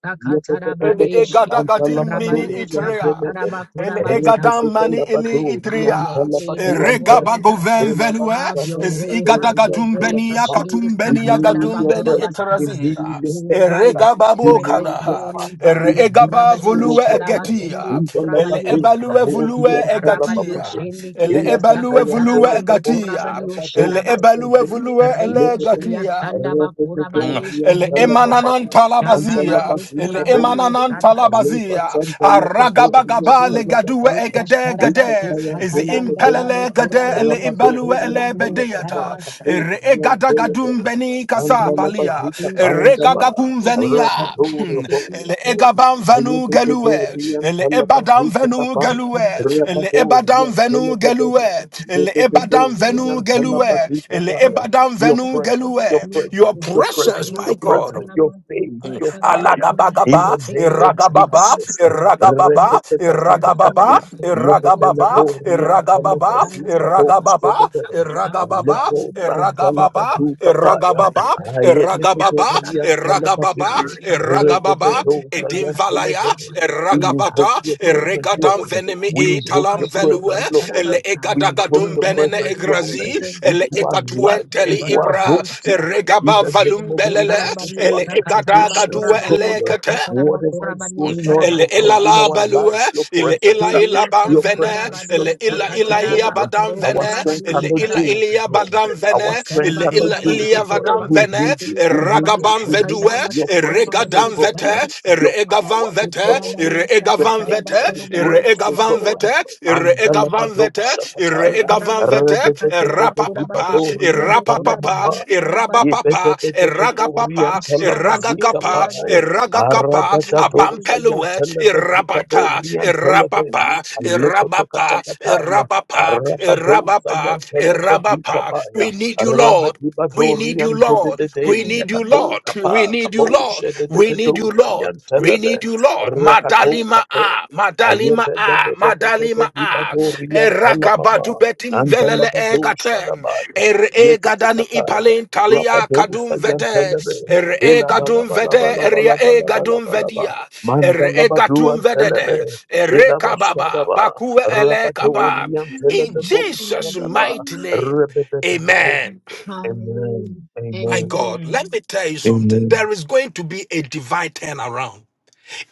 El sakatarabadeshi. egadagadim mini Rabadio itria. sakataraba El korabasta. egadam mani ili Have your itria. way this morning, Regabago God. Uh, ven venue. Have your Is way, have your igadagadum way. benia katum Kashiliusa we benia need kataraba gadum your beni presence, we kurabasa. need itrazia. your Move face, by your we Regababo spirit this need your kada. morning, partner, God. we need Regaba Ikurabanyo you, volue O sharaba God. egetia. kindiu El kurabaniusa. ebalue Ye volue karabanyo egatia. shende El kiliusa ebalue volue katarabando egatia. kurabanyo El ebalue sharabase. volue Rebo shiria elegatia. sandaba Mm. kurabanish El kedebosa. emananta labazia, Katabando el kurabanyo emananta labazia, aragabagaba le Jesus. gadue egade Ekasharabako gade, is Thank satadandabano impelele gade kurabano ele ibalue Rabadorian ele sukurabano bedeyata, Telemata, sharabasa. ere Dorian egada gadum Telebe, beni and the kasapalia Jesus, Labazita Jesus, Pandaba, Jesus. regagagunvenia Rabador Ekasharabakeketiyo ele Botape, kurabano egaban venu gelue Ayedorian ele ebadan Telebazita venu Taba, gelue ele ebadan Rabadorian venu Telebe, gelue Yes, ele ebadan there is venu Yedorian nothing like gelue Telebazita ele Baya. ebadan Your venu presence, gelue your your presence, your presence presence, my your presence, god your faith, your fire. In Alagabagaba, the name of Iragababa, Jesus. Iragababa, Iragababa, your presence, Iragababa, little Yebeleborian God. But Iragababa, Telebazika Iragababa, Boskedebere, Have a and not Iragababa, Lebo with us this morning. Sandalabazu Let Kapaya, Iragababa, yourself be pushed to the Iragababa, Ayedeborian Kurabasa. Iragababa, Telebazin, We Iragababa, continue to the Ragababa, Redebedo Busaka Edim Sayan valaya, Tarabasa. Telebere. We We bow invoke Ragabata, your in your presence, Regadam Lord. presence this Venemi We morning. invoke Italam your Hashimoto Velue, presence, Lord. Ele Tarabasa. We We invoke Ekadagadum your Benene revel presence, in the Lord, Egrazi, presence this Ele into our morning. lives, Dai Ekatuenteli into our Ibra, korabanyo homes, sharabasu. in Regaba the name Valum of E Belele, Jesus, karabanyo into our Ele sakatarabaku situations, Ekadagadue God korabanyo Elekate sakataraba whatever is korabanyo going on, ele oh God, sharabasu. ila in la our balue, lives, your ele presence ila ila Sebiyo bam your vene, presence, your sakatarabanyo ele ila strength to ila God. ia sakataraba Um, badam ro Our vene, strength korabanyo ele cannot ila do sharabas. it, oh ilia God. badam Our E vene, strength ele karaba cannot ila do it, korabasu oh ilia God. vadam We korabaku vene, need you. shekiri We need korabanyo you. ragabam We need vedue, you. Your sakatarabasu presence, O korabanyo regadam God. vete, sharabasu. Your power, regavam E O vete, God. korabanyo Your regavam sakataraba vete, favor, your korabanyo grace, O regavam God. vete, sakatarabasu. And the regavam Labado vete, E Shakataya. regavam korabanyo vete, sakataraba korabaku rapapapa, Rededededededibadori and shekiri Irapa papa, korabanyo Talamama. iraba sharabasu. papa, Yebedebedebedori and Irapapapa, Irabapapa, Talabazika Iragapapa, Baya. Iragakapa, Iragakapa, Hallelujah. Aragadadosa Abampelue, yantelebe Irabaka, dikabobrian telebe Irabapa, alekoto Irabapa, katakataya Irabapa, arabadosa Irabapa, yantelebe Irabapa. dikabaya We need you, Lord. We need you, arabadibadorian Lord. dededede We need you, yakato Lord. We kapa need you, Lord. kaboshe We need you, dededosa Lord. We yantelebe need you, Lord. rakato Madalima kape ah, Madalima ah, Madalima ah. ayebedebedebedebedibadorian Erakabadu talamama betim velele antalabadosha egatem. dabaya Er yekete egadani kataya ipalin talia kadum rabadosa vede. yantelebe Er Ela bala egadum bala vede bala eria bala bala bala egadum bala ba vedia. Manda Er la ba, Mandalabadu egatum and vedede. Telebe. Erekababa Elabashadaba. bakue ele kaba. Rabadori and In Telebebo Jesus' Shadaba. mighty name. Rebebebebo. Amen. Amen. My Amen. God, let Amen. me tell you something. Amen. There is going to be a divine turnaround.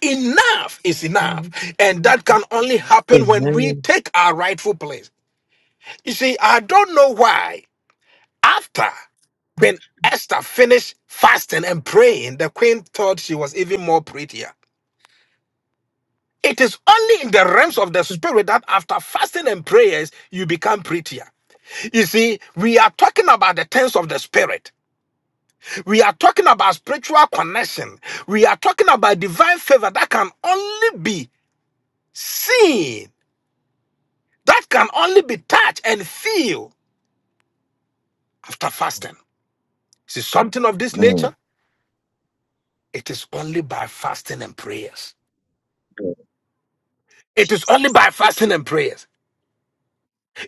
Enough is enough. Thank you, And that can only happen when we Amen. take our rightful place. You see, I don't know why. After Queen Esther finished fasting and praying, the queen thought she was even more prettier. It is only in the realms of the spirit that after fasting and prayers, you become prettier. You see, we are talking about the things of the spirit. We are talking about spiritual connection. We are talking about divine favor that can only be seen, that can only be touched and feel after fasting. See something of this Mm, nature? It is only by fasting and prayers. It is only Jesus. by fasting and prayers.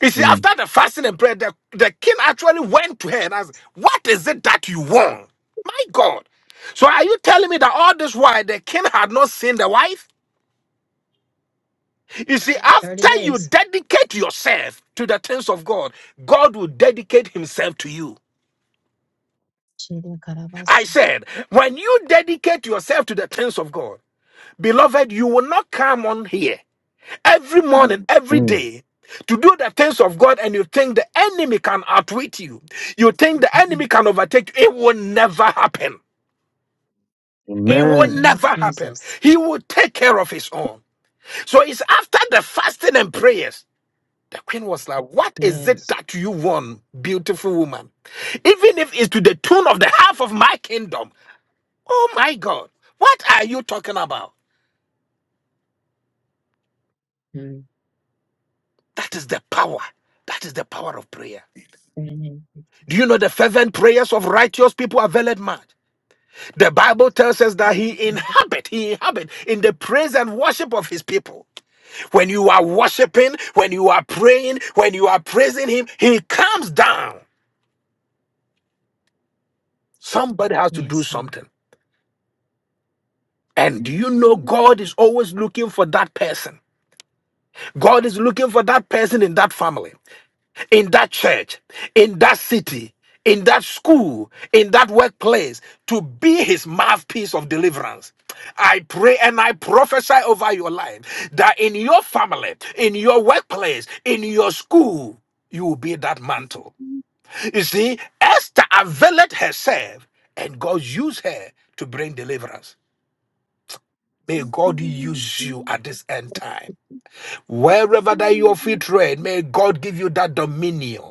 You see, mm, after the fasting and prayer, the, the king actually went to her and asked, What is it that you want? My God. So are you telling me that all this while the king had not seen the wife? You see, 30 after you days. dedicate yourself to the things of God, God will dedicate Himself to you. I Shirikarabasa. said, when you dedicate yourself to the things of God, beloved, you will not come on here every morning, every mm. day to do the things of God and you think the enemy can outwit you. You think the enemy can overtake you. It will never happen. It In the will Amen. name of never happen. Jesus. He will take care of his own. So it's after the fasting and prayers The queen was like, What is it Yes. that you want, beautiful woman? Even if it's to the tune of the half of my kingdom. Oh my God. What are you talking about? Mm. That is the power. That is the power of prayer. Amen. Do you know the fervent prayers of righteous people availeth much? The Bible tells us that he inhabit, he inhabit in the praise and worship of his people. When you are worshiping, when you are praying, when you are praising him, he comes down. Somebody has to do Yes, Lord. something. And do you know God Thank is always looking for that person? God is looking for that person in that family, in that church, in that city, in that school, in that workplace to be his mouthpiece of deliverance. I pray and I prophesy over your life that in your family, in your workplace, in your school, you will be that mantle. You see, Esther availed herself and God used her to bring deliverance. May God use you at this end time. Wherever that your feet tread, may God give you that dominion.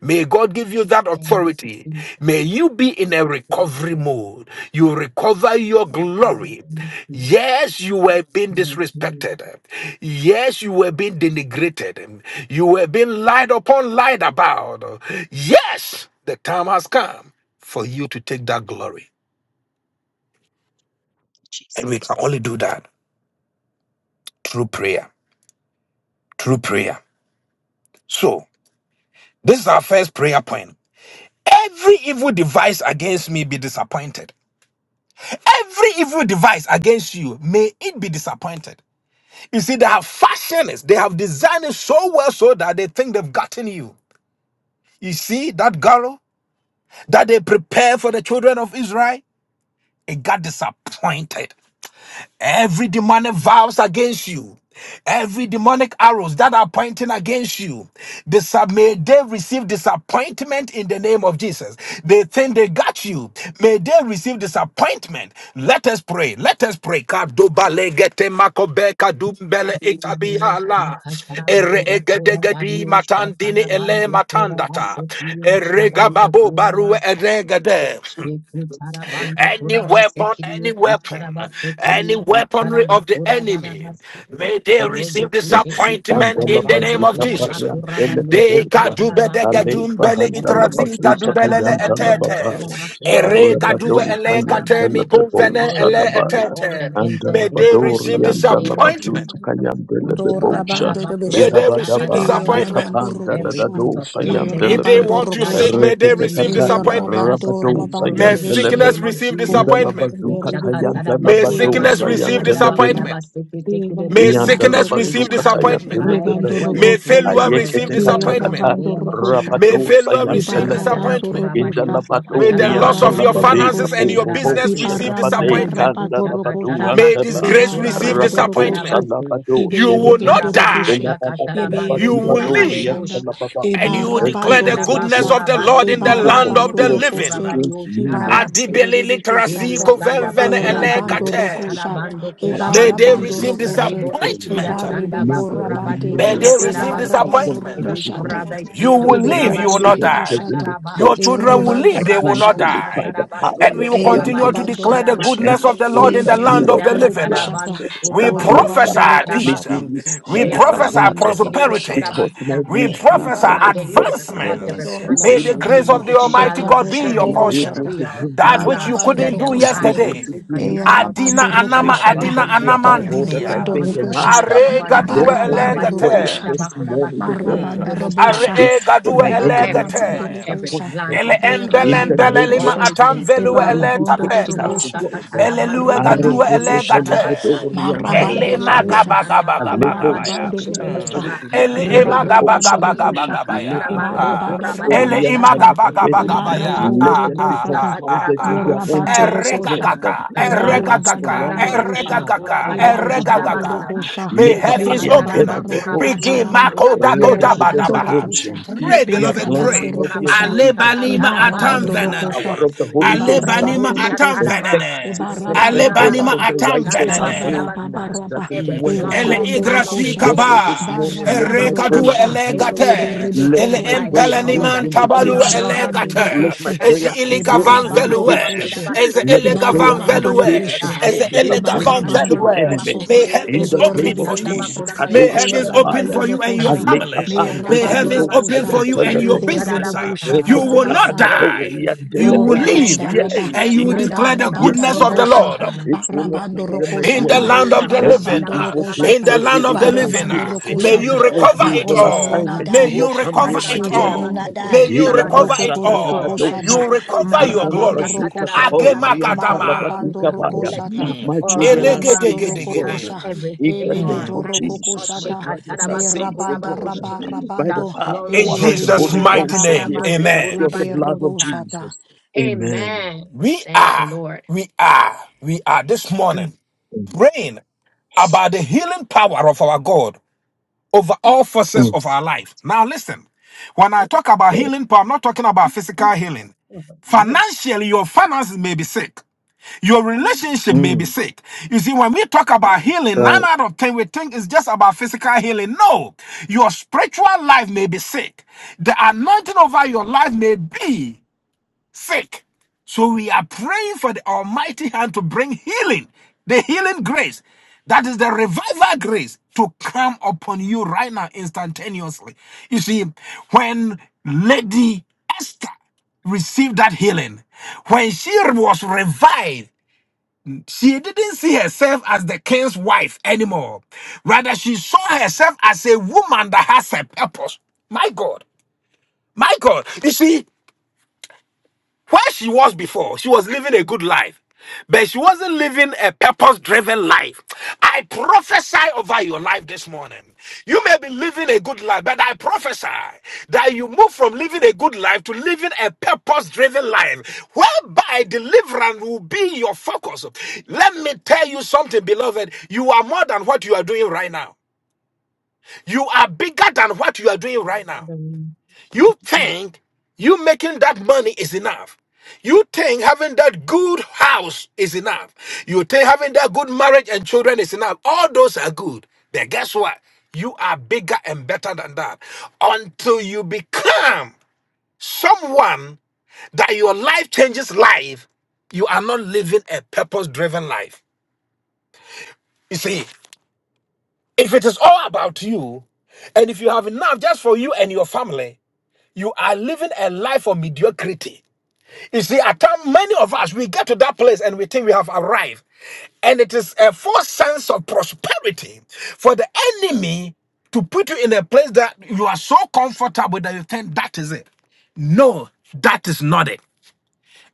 May God give you that you, authority. Jesus. May you be in a Yes, recovery Lord. mode. You recover your In the glory. name Yes, you were being of Jesus. disrespected. Yes, you were being denigrated. You were being lied upon, lied about. Yes, the time has come for you to take that glory. And we can Jesus. only do that through prayer. Through prayer. So, this is our first prayer point. Every evil device against me be disappointed. Every evil device against you, may it be disappointed. You see, they have fashioned it, they have designed it so well so that they think they've gotten you. You see that girl that they prepare for the children of Israel? It got disappointed. Every demonic vows against you, every demonic arrows that are pointing against you, disa- may they receive disappointment in the name of Jesus. They think they got you. May they receive disappointment. Let us pray. Let us pray. Kadobalegete makobeka dumbele itabiala. Ere Ariostakatarabandu matandini ele kurabariostakarabandu matandata. kurabasekiyo Ere shabandu barue kurabasa. eregede Shekutarabandu any weapon, kurabasekiriyo any weapon, kucharabasekiriyo any weaponry of the enemy. kucharabakurabarabase. May they receive disappointment Andala in the Robokushekikatarabandu name of bazuka Jesus. bayan dele de They bolsa. kadube de kurabakurabariyosakatarabaku. Ale gadum bele bahandala itrazi bazuka gadubelele kayantala Ribokushakatarabandu babaya. etete. Ere gadu Arabador ele kate kurabakurabaselekushakatarabaku. kayantala mi de No bolsa da ele weapon baya. formed etete. against Andala us May will they bador receive prosper in the yandala name of disappointment. bazuka Jesus. kayandele de bolsa. Dorabando May Rabeshe, they receive E Ilabadaba disappointment. Ushakatadabakurabasakatarabata. Rabando likapanda da Every da Rokosha, evil dosa plot, E If every they yandelebe. Rabando evil want to plan of seek, Rokosha, the may they Rekete enemy receive E will be kataya disappointment. Rabando dashed and rabadosa Rabande burned May in the Rabeshe, sickness yandelebe. name of receive Ko Jesus. Indala disappointment. Rabando bazuka Rebiko, tayandala May E sickness badosa Rabando receive yandelebe. Rokosha, disappointment. E May Ushakatadabakurabadiyoshandabakurabasikitikidibusha. Rabando Yandala sickness It receive Rokosha, shall bazukata not disappointment. yandele find a Rebando bebe. May dwelling place failure Rokoshande, in our receive Ayekete E kata residence in the disappointment. kata Rabando ya name of Jesus. May Rokoshate, rabadosa failure receive yandele be. Ibarabando disappointment. Indala Rokosha, May badori the loss of yandala your Ibaramando babe finances and Rokoshe, your kaburu business Ushakatadakurabadiyosakatarabandokurabadiyoshadabate. bonsa da receive bade Ibaramanda disappointment. Reboco kanda Rabato la badu Rokosha, May anteba. Chacatarabatondo disgrace receive Curabario Ibarabando Rakato disappointment. Rokoshe, sala Tarabaste, bado You Iberi will sedebe. not Shekarabario die. Ela bendorokoshe, baba la Iberi Stacatarabando You badu will badori Curabade live dorokoshanda, yandala Bosha, baba. and you will Ebara Every declare the evil Ustacataraba goodness plot, bandorokosha, of the Curabado Lord every in the evil Ebara land Curabario of the conspiracies living. bandorokoshe, against Curabario me, my Ibara Tarabaste, Adibele children, bandereke literasi Edio against sata, that Sandaba brother kovenvene Era Eric, and Kurabadio Thank every elekate. bandorokosha, people, Shatarabando my you, May Ebara they children. Kurabati, receive bandorokoshe, Rebo God. Kusidia disappointment. Ebari May Sandaba the bekora enemy bande, Kurabadio May they receive receive Ebara Shatarabati, disappointment. disappointment, Edi O bandorokoshata, God. Kurabai You Chindo will Every live, Rebeko you will Kurabadio not rebebe accident, die. every koshata, Sakataraba, Your misfortune, children will Ro Erobanda I live, they will not Kurabadio cancel rokoshata. it by die. the power And we of Shatarabasundo will the E Holy continue to Kurabadio rabando Ghost. declare the rokushe, And Sharabasa, goodness I of the pray Lord e in the that land ribi of whoever the living. goes Um, kurukushata, Nisakatarabando steps We that o plot, kurabadio prophesy rabando may peace. they rokushata, shatarabasu. Um, be We e prophesy Yakashende rabando disappointed Jesus. kerebo prosperity. rokushata, Um, because my kurabasta. We e We prophesy come Redeemer of rabando, against every God plot, advancement. every rebendo plan is of May the the able to rokushata, grace enemy. of the It redeem, e shall Almighty not God be katoto your stand. is portion. able Um, boshata, We to are That a which under you vindicate, rabando the couldn't do is divine rokushata. able and yesterday. to do supernatural Adina Berabando protection exceedingly anama of the rokoshata, adina living abundantly God. above all that We I are berabando anamandinia. think and under a rokosha, ask. Are new covenant. gadua Therefore, my abarabando Ukurabadio prayer elegate. rokoshata, this shandaba morning, O kurabaseke Mm. marabanda God. tekerebo sa. Are robosha, e It's for gadue my enemies Every to be rebakarabando plot, elegate. every rokosha, plan disappointed. Ele of the In enemy embelem the berabando will name belelima of rokosha, fall, it Jesus, atam will Jesus, velue fail. ele ebarobondo vindicate Shede Ashidio us, tapeka. rokoshata, God. Ele sakatarabando lue rebando gadue kurabadio rokoshata, shadabasa. elegate. Arrekesekelebedori marabando Ele Rebo shidia antalababaya. rokosha, magaba gaba sandaba gaba gaba kurabadio ya. ebarabando Mm. rokosha, chudebosa. Alebosakatakatori Ele ema Rebo gaba rebarabando antelebebosa. gaba kushidio gaba rokosha, gaba ya. sakatarabando Ah. ebarabanda kurabadio Ele Lepatatatatori ima rababasata, gaba shadabasu. gaba antalababele. gaba ya. ebarabando Rebo Let Ah them ah be shidio ah, rokosata, ah, ah. confounded in ah. their sakatarabando own merabando thoughts, kurabadio sa. rokosha, God, Eregagaga, and Rebo ask eregagaga, Ebarabande why, rebekosha. satarabatsundo ah, eregagaga, ah, kurabadebo oh Ebarabando God. eregagaga. shadabasa. rokosha. May Isha heavens Lekapayan de open. Merabande de kataraba de kurabadio Begin Boshen, so rokokataraba. kurabadebo Merabando makodabadabaha. shadabasu. rokosha. Redededededoshen. Pray, beloved, Yekatanda plans Merabando will pray. not be rokosha. bakurabadio executed uh, Alebanima by atam the sakatarabando Ebarabando rokosha. power venene. of the kurubuse. Holy Ghost. uh. Alebanima Rebo Ebarabando The atam rokosha. shataraba. venene. effective fervent prayer Alebanima of Ebarabarababa. the Rukurabastidio atam shanda righteous venene. avails much. bakurabasa. That Rebarababaraba. is the Mm. Every word of plot El of God. Berabando plan of igrasi the rokosha. Therefore, enemy this kaba, morning, ushanda let Barabando my erekadu prayer rokosha. bakurabakusendo avail. elegate, kurebosa. Let Eberebeko el my by the prayer rokokoshata. power bring empeleniman that is in tabalu the blood, vindication. Ebarabando everyone elegate, Let my rokoshe. ez prayer scatter. iliga O avail Ebarabando shatanda velue, vindication. rokoshe. ez bakurabasende Let my elega kidio prayer Ibarabando avail, velue, oh rokoshe, kurabadebosha. ez God, elega disappointment Ekashanda to Ibarabando the velue. enemy. rokoshe, May bakurabakusende In heavens the kidio open name of for kusanda you. Jesus, Iberibibikosa, Thank May bakurabasende heavens open debosa. Mirabando Kadoshadabaya. for you and your rokosha, Ribo family. kushanda Alekapande May de Mirabando bakura heavens Bedosa open rokosha, bakete for you and tekele your Yantelebe. business. Iberububusha You will We are not tarabasa, walking die. Reketekatakatori in You Oh, will favor. live Yantelebedosi. Rabanda Yay, Rabba, and you will Jesus. Reba declare the Rabanda Yes, goodness of the Lord. Rabosha, Lord It will We not are come Barabando near my walking in in the Rokoshata, dwelling. land of favor. the living, Every Barabando uh, evil plot, in the Rokoshata, every land of the evil living, Barabando uh, conspiracy, We may are you Rokoshata. walking recover My every in it evil good husband will all. not health. assignment May will die. not you come My near recover my it children will dwelling. all. not May die. you recover it Rokoko Our Rokoko all. Ilabashadadadadoshe. Shata, You finances recover In your the Marabando glory. Labazuta Rokoshata, Agema Kabori and gadama. Marabando are Talabadukabaya. blessed. Rokoshata. Mm. My Our children are homes are Maramando safe, blessed. God. Elegedegedegede. rokokosha, In the Everything name our Mm. ebeketo of hands Jesus, touch, my rokokoshata, brothers are saved for merabanda God shekatarabasokurabakushi, by shall the rabarabando, In flourish. power ebe uh, of the Jesus' Holy ribiko mighty Ghost and the name, rabambando, amen. efficacy of the ebe blood of oshakatarabanokurabanimota. roboshata. Jesus. Amen. Amen. We Thank you, are, Lord. we are, we are this morning praying about the healing power of our God over all forces of Mm. our life. Now, listen, when I talk about healing, but I'm not talking about physical Jesus. healing. what a mighty Financially, your finances may be sick. Your relationship may be Mm. sick. You see, when we talk about healing, nine out of ten we think it's just about physical healing. No, your spiritual life may be sick. The anointing over your life may be sick. So we are praying for the Almighty hand to bring healing, the healing grace. That is the revival grace to come upon you right now instantaneously. You see, when Lady Esther received that healing, when she was revived, she didn't see herself as the king's wife anymore. Rather, she saw herself as a woman that has a purpose. My God, my God. You see, where she was before, she was living a good life, but she wasn't living a purpose driven life. I prophesy over your life this morning. You may be living a good life, but I prophesy that you move from living a good life to living a purpose driven life, whereby deliverance will be your focus. Let me tell you something, beloved. You are more than what you are doing right now. You are bigger than what you are doing right now. God. You think you making that money is enough. You think having that good house is enough. You think having that good marriage and children is enough. All those are good. Then guess what? You are bigger and better than that. Until you become someone that your life changes life, you are not living a purpose driven life. You see, if it is all about you, and if you have enough just for you and your family, you are living a life of mediocrity. You see, at times, many of us, we get to that place and we think we have arrived. And it is a false sense of prosperity for the enemy to put you in a place that you are so comfortable that you think that is it. No, that is not it.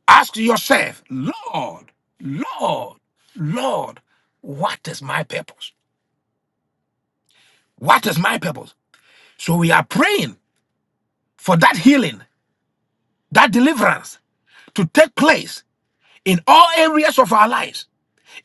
Ask yourself, Lord, Lord, Lord, what is my purpose? What is my purpose? So we are praying for that healing, that deliverance to take place in all areas of our lives.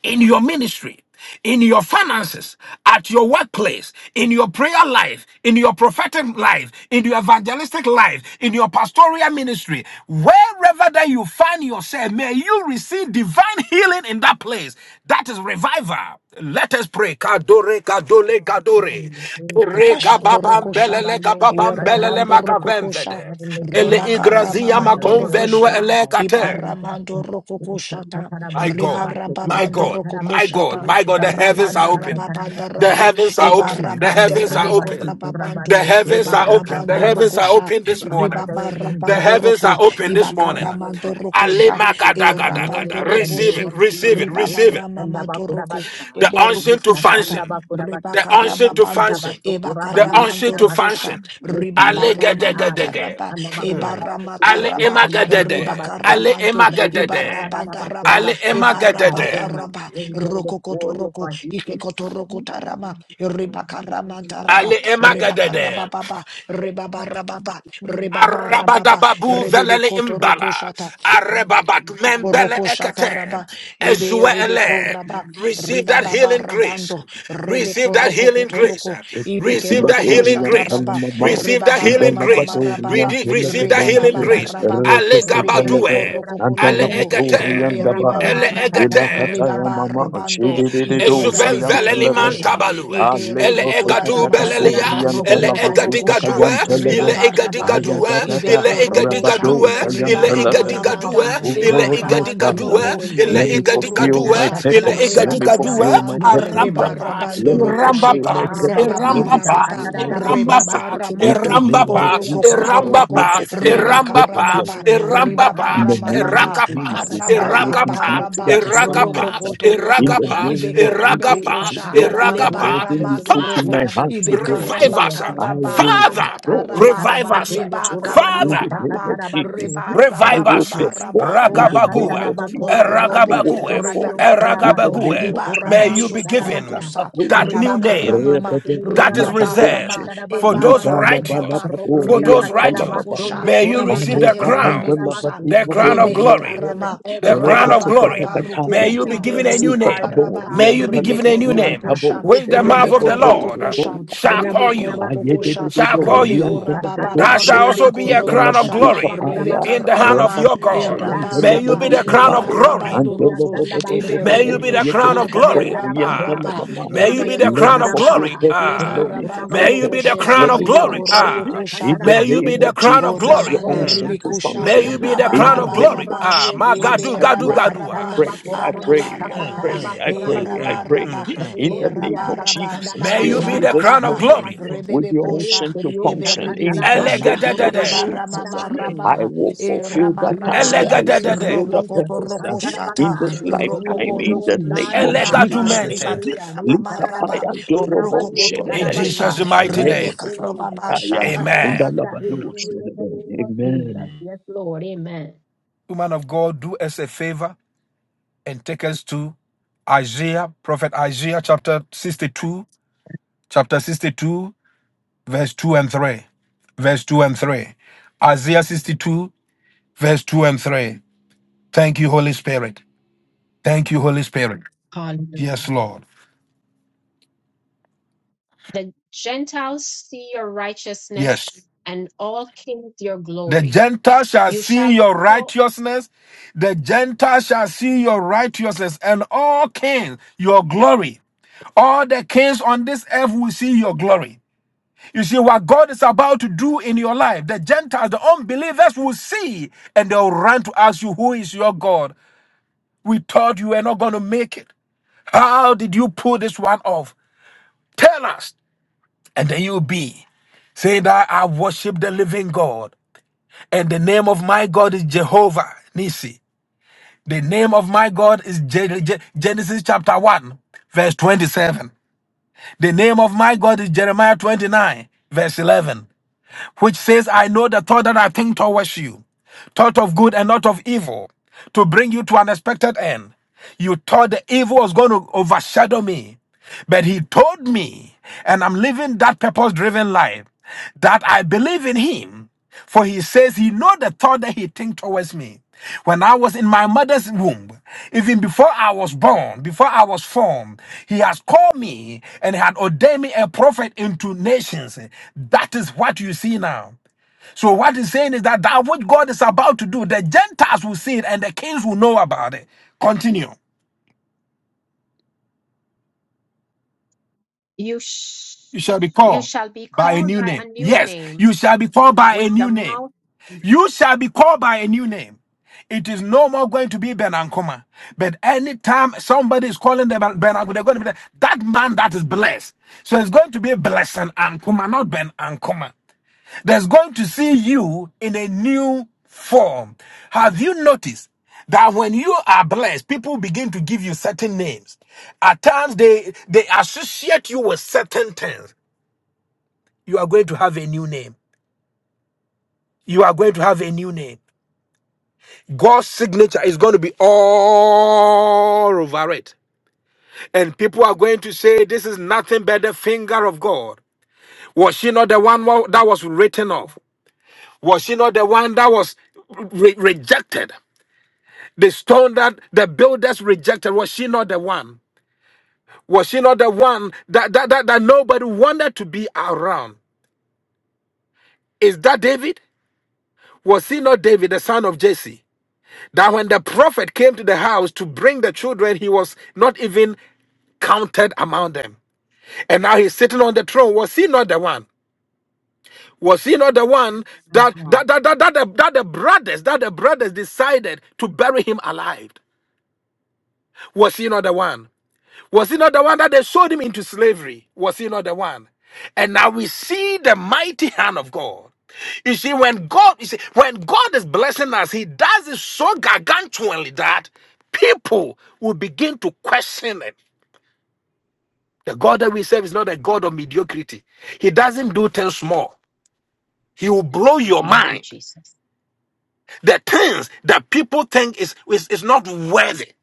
in your ministry, in your finances, at your workplace, in your prayer life, in your prophetic life, in your evangelistic life, in your pastoral ministry, wherever that you find yourself, may you receive divine healing in that place. That is revival. Let us pray. Kadore, kadole, kadore. Heavenly Ere Father, Rapashto kababam, rokosha, belele, kababam, belele, erabando rokokosha, magavemvede. Ele rebakara you igrazia are the mamando Lord makonvenu rokoshe, God ele that kate. heals ibaramando us. rokokoshata, My God, my ribarababando God, my God, rokokoshata, my God, the heavens are rabanda open. rababanda The raba, heavens are Lord open. The God, ebarabanda heavens are rebeko open. Karabasi, rababantu, The Kurabari, heavens Soko, are open. The ebarabando heavens are Sakatarabasa. rokosha, open this morning. Father, in the The name ribabarabando of heavens are roko, open Jesus, this morning. heal ibakaramando our Ale rokosha, finances this erabando morning makadagadagada. in the Receive name it, of rokoshe, receive it, Jesus. receive Soko, it. Sandaba, ribabaramamando roko, Kurabasa. The unction to Mushatanda eberukukushata, function. bakura The basekiri unction to ukushara Rebakarababando, function. basokura The bari unction Ebakaramando ushara to basa. Rokosha, function. This Ale morning, God, gadegade. Ribabaramamataraba, ikashanda bakura basekiri Ale Ebaramataraba, ukushanda bakura emagadede. base. Ale Rebakarabando, Rebo shara emagadede. bakura Ibarabandaraba, Ale basa. I bring emagadede. my Ebarabataraba, children before you for Rokokotoroko, healing. Ikekotoroko Tarama, Rebakaramantaraba, Ale emagadede. Rebakarabababa, Rebabarababa, Rebabarababa, Arabadababu velele imbala. Rebebekotoroko Arebabat membele Koroko ekate. shataraba, ebe rebe Ezuele. koraba, Receive riba that baba healing grace. rabando, rebe Receive that koroko healing grace. kotoroko, ibe Receive that keroko healing grace. kushataraba, Batoriantalamabam, Receive riba that bara healing mama grace. marababa, Rede- Receive that riba healing Indalabatoriantelebebonche, baba grace. Separadani barababa, Ale ushaka shara ribebe Rekesekelebe, gabadue. bakura koroko bari Ale kotoroko, ushaka shara ekate. ebe bakura Antalabatoriandaba, riba bari Ele ushaka maraba, shara ekate. riba bakura Ilakatayamama, base. barabando, Shididido ibe Ikuta Ezuven rebe koroko Sayantelebe, veleniman sha, tabalue. ide Ele ribi egadu kuraramaso, belelia. Ikatarabasto roko Ele kurabaribo kotoroko sha, egadigadue. serebo riba Alekotokatakatoriandalabazutakayantelebe, Ile kurabaste barabando, egadigadue. keterebo ibe Ayadadada, Ile kurabasta. Rabado korobosha, egadigadue. Healing in Ile riba every Sayantelebe. area of egadigadue. karamamanda, my Oh Ile Eba God, life. uh, my rabanda Father, egadigadue. Healing roko, in my Ile let ebe me ministry. koroko fulfill egadigadue. my kosha, Ile Ashataraba purpose. reba Let me kurabasta. egadigadue. karama fulfill my mando, Healing in purpose. my eba Arampapa. body. Let rabando me roko Healing on shek the fulfill my Rambapa. job. uh, purpose. Let rababa me Rambapa pa, rababa, fulfill my Ushakataraba eramba reba purpose. pa, kurabaste In keria the baramato, eramba name kushenye pa, of keria oroko Jesus, help eramba karabasto me pa, kotoroko, fulfill my reba kushakarabasta. eramba pa, purpose. karamaba, In Healing in my eramba reba pa, mind. the name of Pastirio baramama, erakapa, Jesus, I kushakataraba arababa will erakapa, complete kurabaste baraba, the kerio erakapa, roko assignment. kusharabaste kerio In kotoroko, the erakapa, name kusharabasta. of ibeke ribe Jesus, erakapa, Uta oh kosha, God, kataraba that leba kuraba erakapa. burden you ramato put sokelebu in my roko, Father, heart, to kutabasa. ibeka God, revive All us. of ramata you, I will raba, Ola, Father, go kekataraba, revive us. Atatarabasu, to reba go Kurabadi, in Father, the name karababa, of Jesus. Sakatarabasu, I Revive will us. perform rebarababarabato in the name Ragabagua. of Shakataraba orokokoto Jesus. I Korabadio robo will Eragabagua. Sokorabadio perform rebakato in Saraba the robo name Sekari Eragabagua. of May you Korabadio be Jesus. ibarabasoto I given Sarabasa rokosa that new Rabako name rebakaramama Sekari rebedere, that is Korabadio reserved rebabarama yakatoshe, Sakataraba for those Korabasa righteous. ebarabaraba Roku For those libalabalabatorian Sakataraba righteous. talamaban, rebekorokokosha Sondo May you receive the ibekete Korabakarabo crown ribibikusa the Sokorabasi crown of Every glory, area, rebeketarama the every crown of area, glory. every rababarabaruku May you be area, ite given a you new ruku are name. the May God you be who given a Rebeko heals new us. name, Rokoko Shat, O which the mouth of the Rebeko Sakataraba Lord Rokoko Sekari Shat, shall Kusanaba call Rebeko you, Rokoko Korabasi Shat, shall Bosa call O Rebeko you. Rababa, That Sakanaba shall also Rebeko be Korabasi a Kinda Robo crown of Shat, labaduka glory Usanaba paya, Rebeka in Korabasa the hand of Ramama, your my rabadusa God. Eraba family yantele May this you Raba, be the bediga morning. crown of Eba paya, glory Rabando Kasiria antele Roko, bodo sanda bodo bakura Ebe May bede, you be basi. Rokoko the Sha, crown yekete of Usa glory. kato, Meraba katara Raba, bakura yantele Ah, raba. basi. mama. may you be Kurabadi Ebe the Let usa crown me of Rokoko Sha, fulfill glory. rabasa. purpose. Leba Let Ro Ah, me Rabando fulfill kurabadi may you be usa purpose. the Rokoshe, crown Let of me bakura glory. Ibeko basi. function. Ah, Usa Rokoko shat. In katara the may you be name basi. the of crown of O Jesus, Yes, your glory. rabande Lord. Mm. unction to Akasiri ribikusha, May usa function. you be the katara In crown the of bando name glory. of abarabaraba, kurabadi Ah, my usa. Jesus, gadu I gadu pray, gadu. I Ah. eberabaraba, Ikasanda pray, I bakura badi pray, usa I Mm, katara arabaraba, pray, I mm, bakura pray, badi mm, I mm, usa. pray. erabaraba, mm, mm. In Ribo the name siria of erabaraba, sakatara Jesus, May you fill bakura be me the badi this crown ebarababa, of usa morning glory. rabasa. with your Re rebebekusha, unction to siria function in sakatara the eberibibikusha, bando name of kurabadi Elegadadade. usa Jesus. rabasi. I ebaramamaraba, will fulfill that erabaraba, task. Jesus, I Robo will so Jesus, Elegadadade. fulfill that yonder Jesus, rokokoto purpose uh, rokoshata, in Ikashadabasa. this lifetime robobo Healing, in the Lord God, name you of are rokukushanda, the balm Jesus. in Elegadumente. Gilead. Lita, ribakarababaraba, Likapaya Ikashadabasi, dorobo Kurabadi, rokokoto In shedebe. rokosha, Jesus' Ikashadabasa. mighty name. Everything you touch, Alekotokatakataya. rebekarababashata. Amen. Ikashadabasa, is Indalabado healed in the shedebe. name of Amen. Jesus. Yes, Lord. Amen. Woman of God, do us a favor and take us to Isaiah, Prophet Isaiah, chapter 62, chapter 62, verse 2 and 3. Verse 2 and 3. Isaiah 62, verse 2 and 3. Thank you, Holy Spirit. Thank you, Holy Spirit. Yes, Hallelujah. Lord. The Gentiles see your Yes. righteousness and all kings your The glory. Gentile shall You see shall be your called righteousness. The Gentile shall see your righteousness and all kings your glory. All the kings on this earth will see your glory. You see what God is about to do in your life. The Gentiles, the unbelievers will see and they'll run to ask you, Who is your God? We thought you were not going to make it. How did you pull this one off? Tell us. And then you'll be saying that I worship the living God. And the name of my God is Jehovah Nisi. The name of my God is Je- Je- Genesis chapter 1, verse 27. The name of my God is Jeremiah 29, verse 11. which says, I know the thought that I think towards you, thought of good and not of evil, to bring you to an expected end. You thought the evil was going to overshadow me, but he told me, and I'm living that purpose driven life, that I believe in him. For he says he know the thought that he think towards me. When I was in my mother's womb, even before I was born, before I was formed, he has called me and had ordained me a prophet into nations. That is what you see now. So what he's saying is that that which God is about to do, the Gentiles will see it and the kings will know about it. Continue. you sh- You shall be you called shall be by a called new by a name. new Yes, name you shall be called by a with the new name. mouth. You shall be called by a new name. It is no more going to be Ben Ankoma. But anytime somebody is calling them Ben Ankoma, they're going to be like, that man that is blessed. So it's going to be Blessing Ankoma, not Ben Ankoma. That's going to see you in a new form. Have you noticed that when you are blessed, people begin to give you certain names. At times, they they associate you with certain things you are going to have a new name. You are going to have a new name. God's signature is going to be all over it. And people are going to say, This is nothing but the finger of God. Was she not the one wa- that was written off? Was she not the one that was re- rejected? The stone that the builders rejected, was she not the one? Was she not the one that, that, that, that nobody wanted to be around? Is that David? Was he not David, the son of Jesse? That when the prophet came to the house to bring the children, he was not even counted among them. And now he's sitting on the throne. Was he not the one? Was he not the one My that God, that that that, that, the, that the brothers that the brothers decided to bury him alive? Was he not the one? Was he not the one that they sold him into slavery? Was he not the one? And now we see the mighty hand of God. You see, when God, you see, when God is blessing us, He does it so gargantuanly that people will begin to question it. The God that we serve is not a God of mediocrity. He doesn't do things small. He will blow your thank you, mind. Jesus. The things that people think is, is, is not worthy,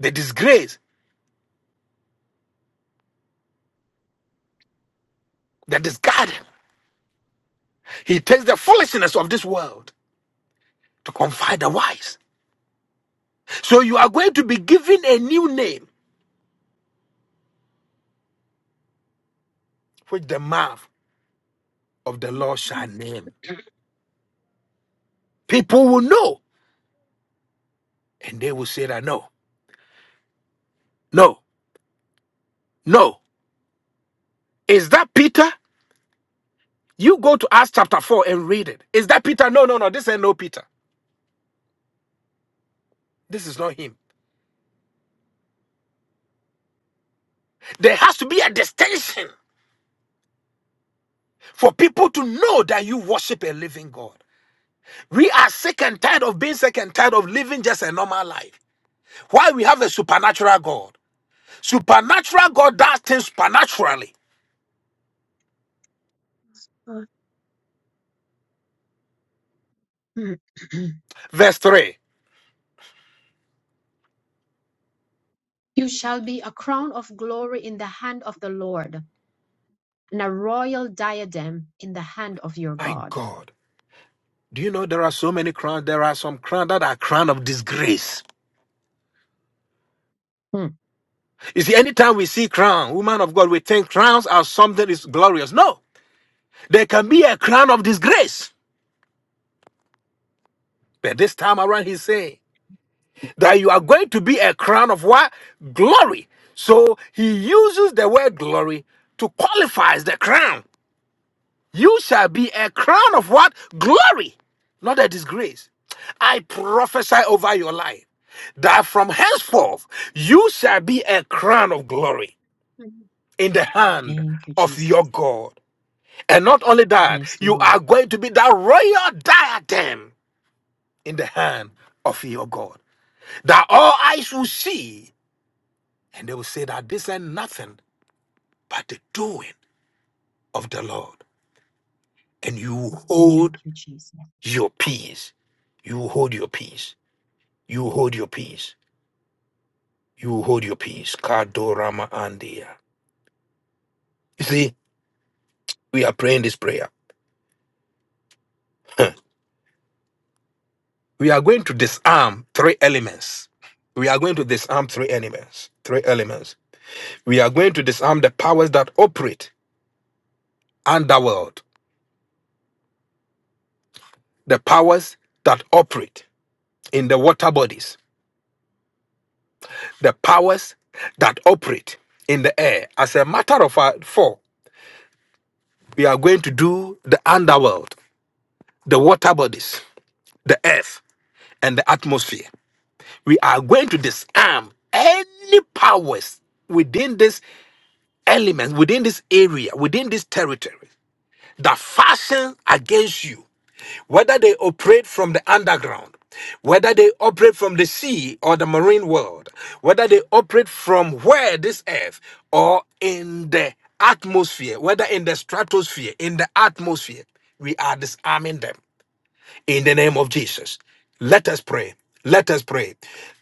the disgrace, the discarding. He takes the foolishness of this world to confide the wise. So you are going to be given a new name, which the mouth of the Lord shall name. People will know, and they will say that no, no, no. Is that Peter? You go to Acts chapter 4 and read it. Is that Peter? No, no, no. This ain't no Peter. This is not him. There has to be a distinction for people to know that you worship a living God. We are sick and tired of being sick and tired of living just a normal life. Why we have a supernatural God. Supernatural God does things supernaturally. Mm. verse 3. You shall be a crown of glory in the hand of the Lord, and a royal diadem in the hand of your My God. God, do you know there are so many crowns? There are some crowns that are crown of disgrace. You see, anytime we see crown, woman of God, we think crowns are something is glorious. No, there can be a crown of disgrace. But this time around, he's saying that you are going to be a crown of what? Glory. So he uses the word glory to qualify the crown. You shall be a crown of what? Glory, not a disgrace. I prophesy over your life that from henceforth you shall be a crown of glory Hmm. in the hand of your Jesus. God. And not only that, Yes, you are Lord. going to be that royal diadem in the hand of your God. That all eyes will see and they will say that this ain't nothing but the doing of the Lord. And you hold Thank you, Jesus. your peace. You hold your peace You hold your peace. You hold your peace. Kadorama Andia. You see, we are praying this prayer. we are going to disarm three elements. We are going to disarm three elements. Three elements. We are going to disarm the powers that operate underworld, the powers that operate in the water bodies, the powers that operate in the air. As a matter of fact, four, we are going to do the underworld, the water bodies, the earth, and the atmosphere. we are going to disarm any powers within this element, within this area, within this territory that fashion against you, whether they operate from the underground, whether they operate from the sea or the marine world, whether they operate from where this earth or in the atmosphere, whether in the stratosphere, in the atmosphere, we are disarming them in the name of Jesus. Let us pray. Let us pray.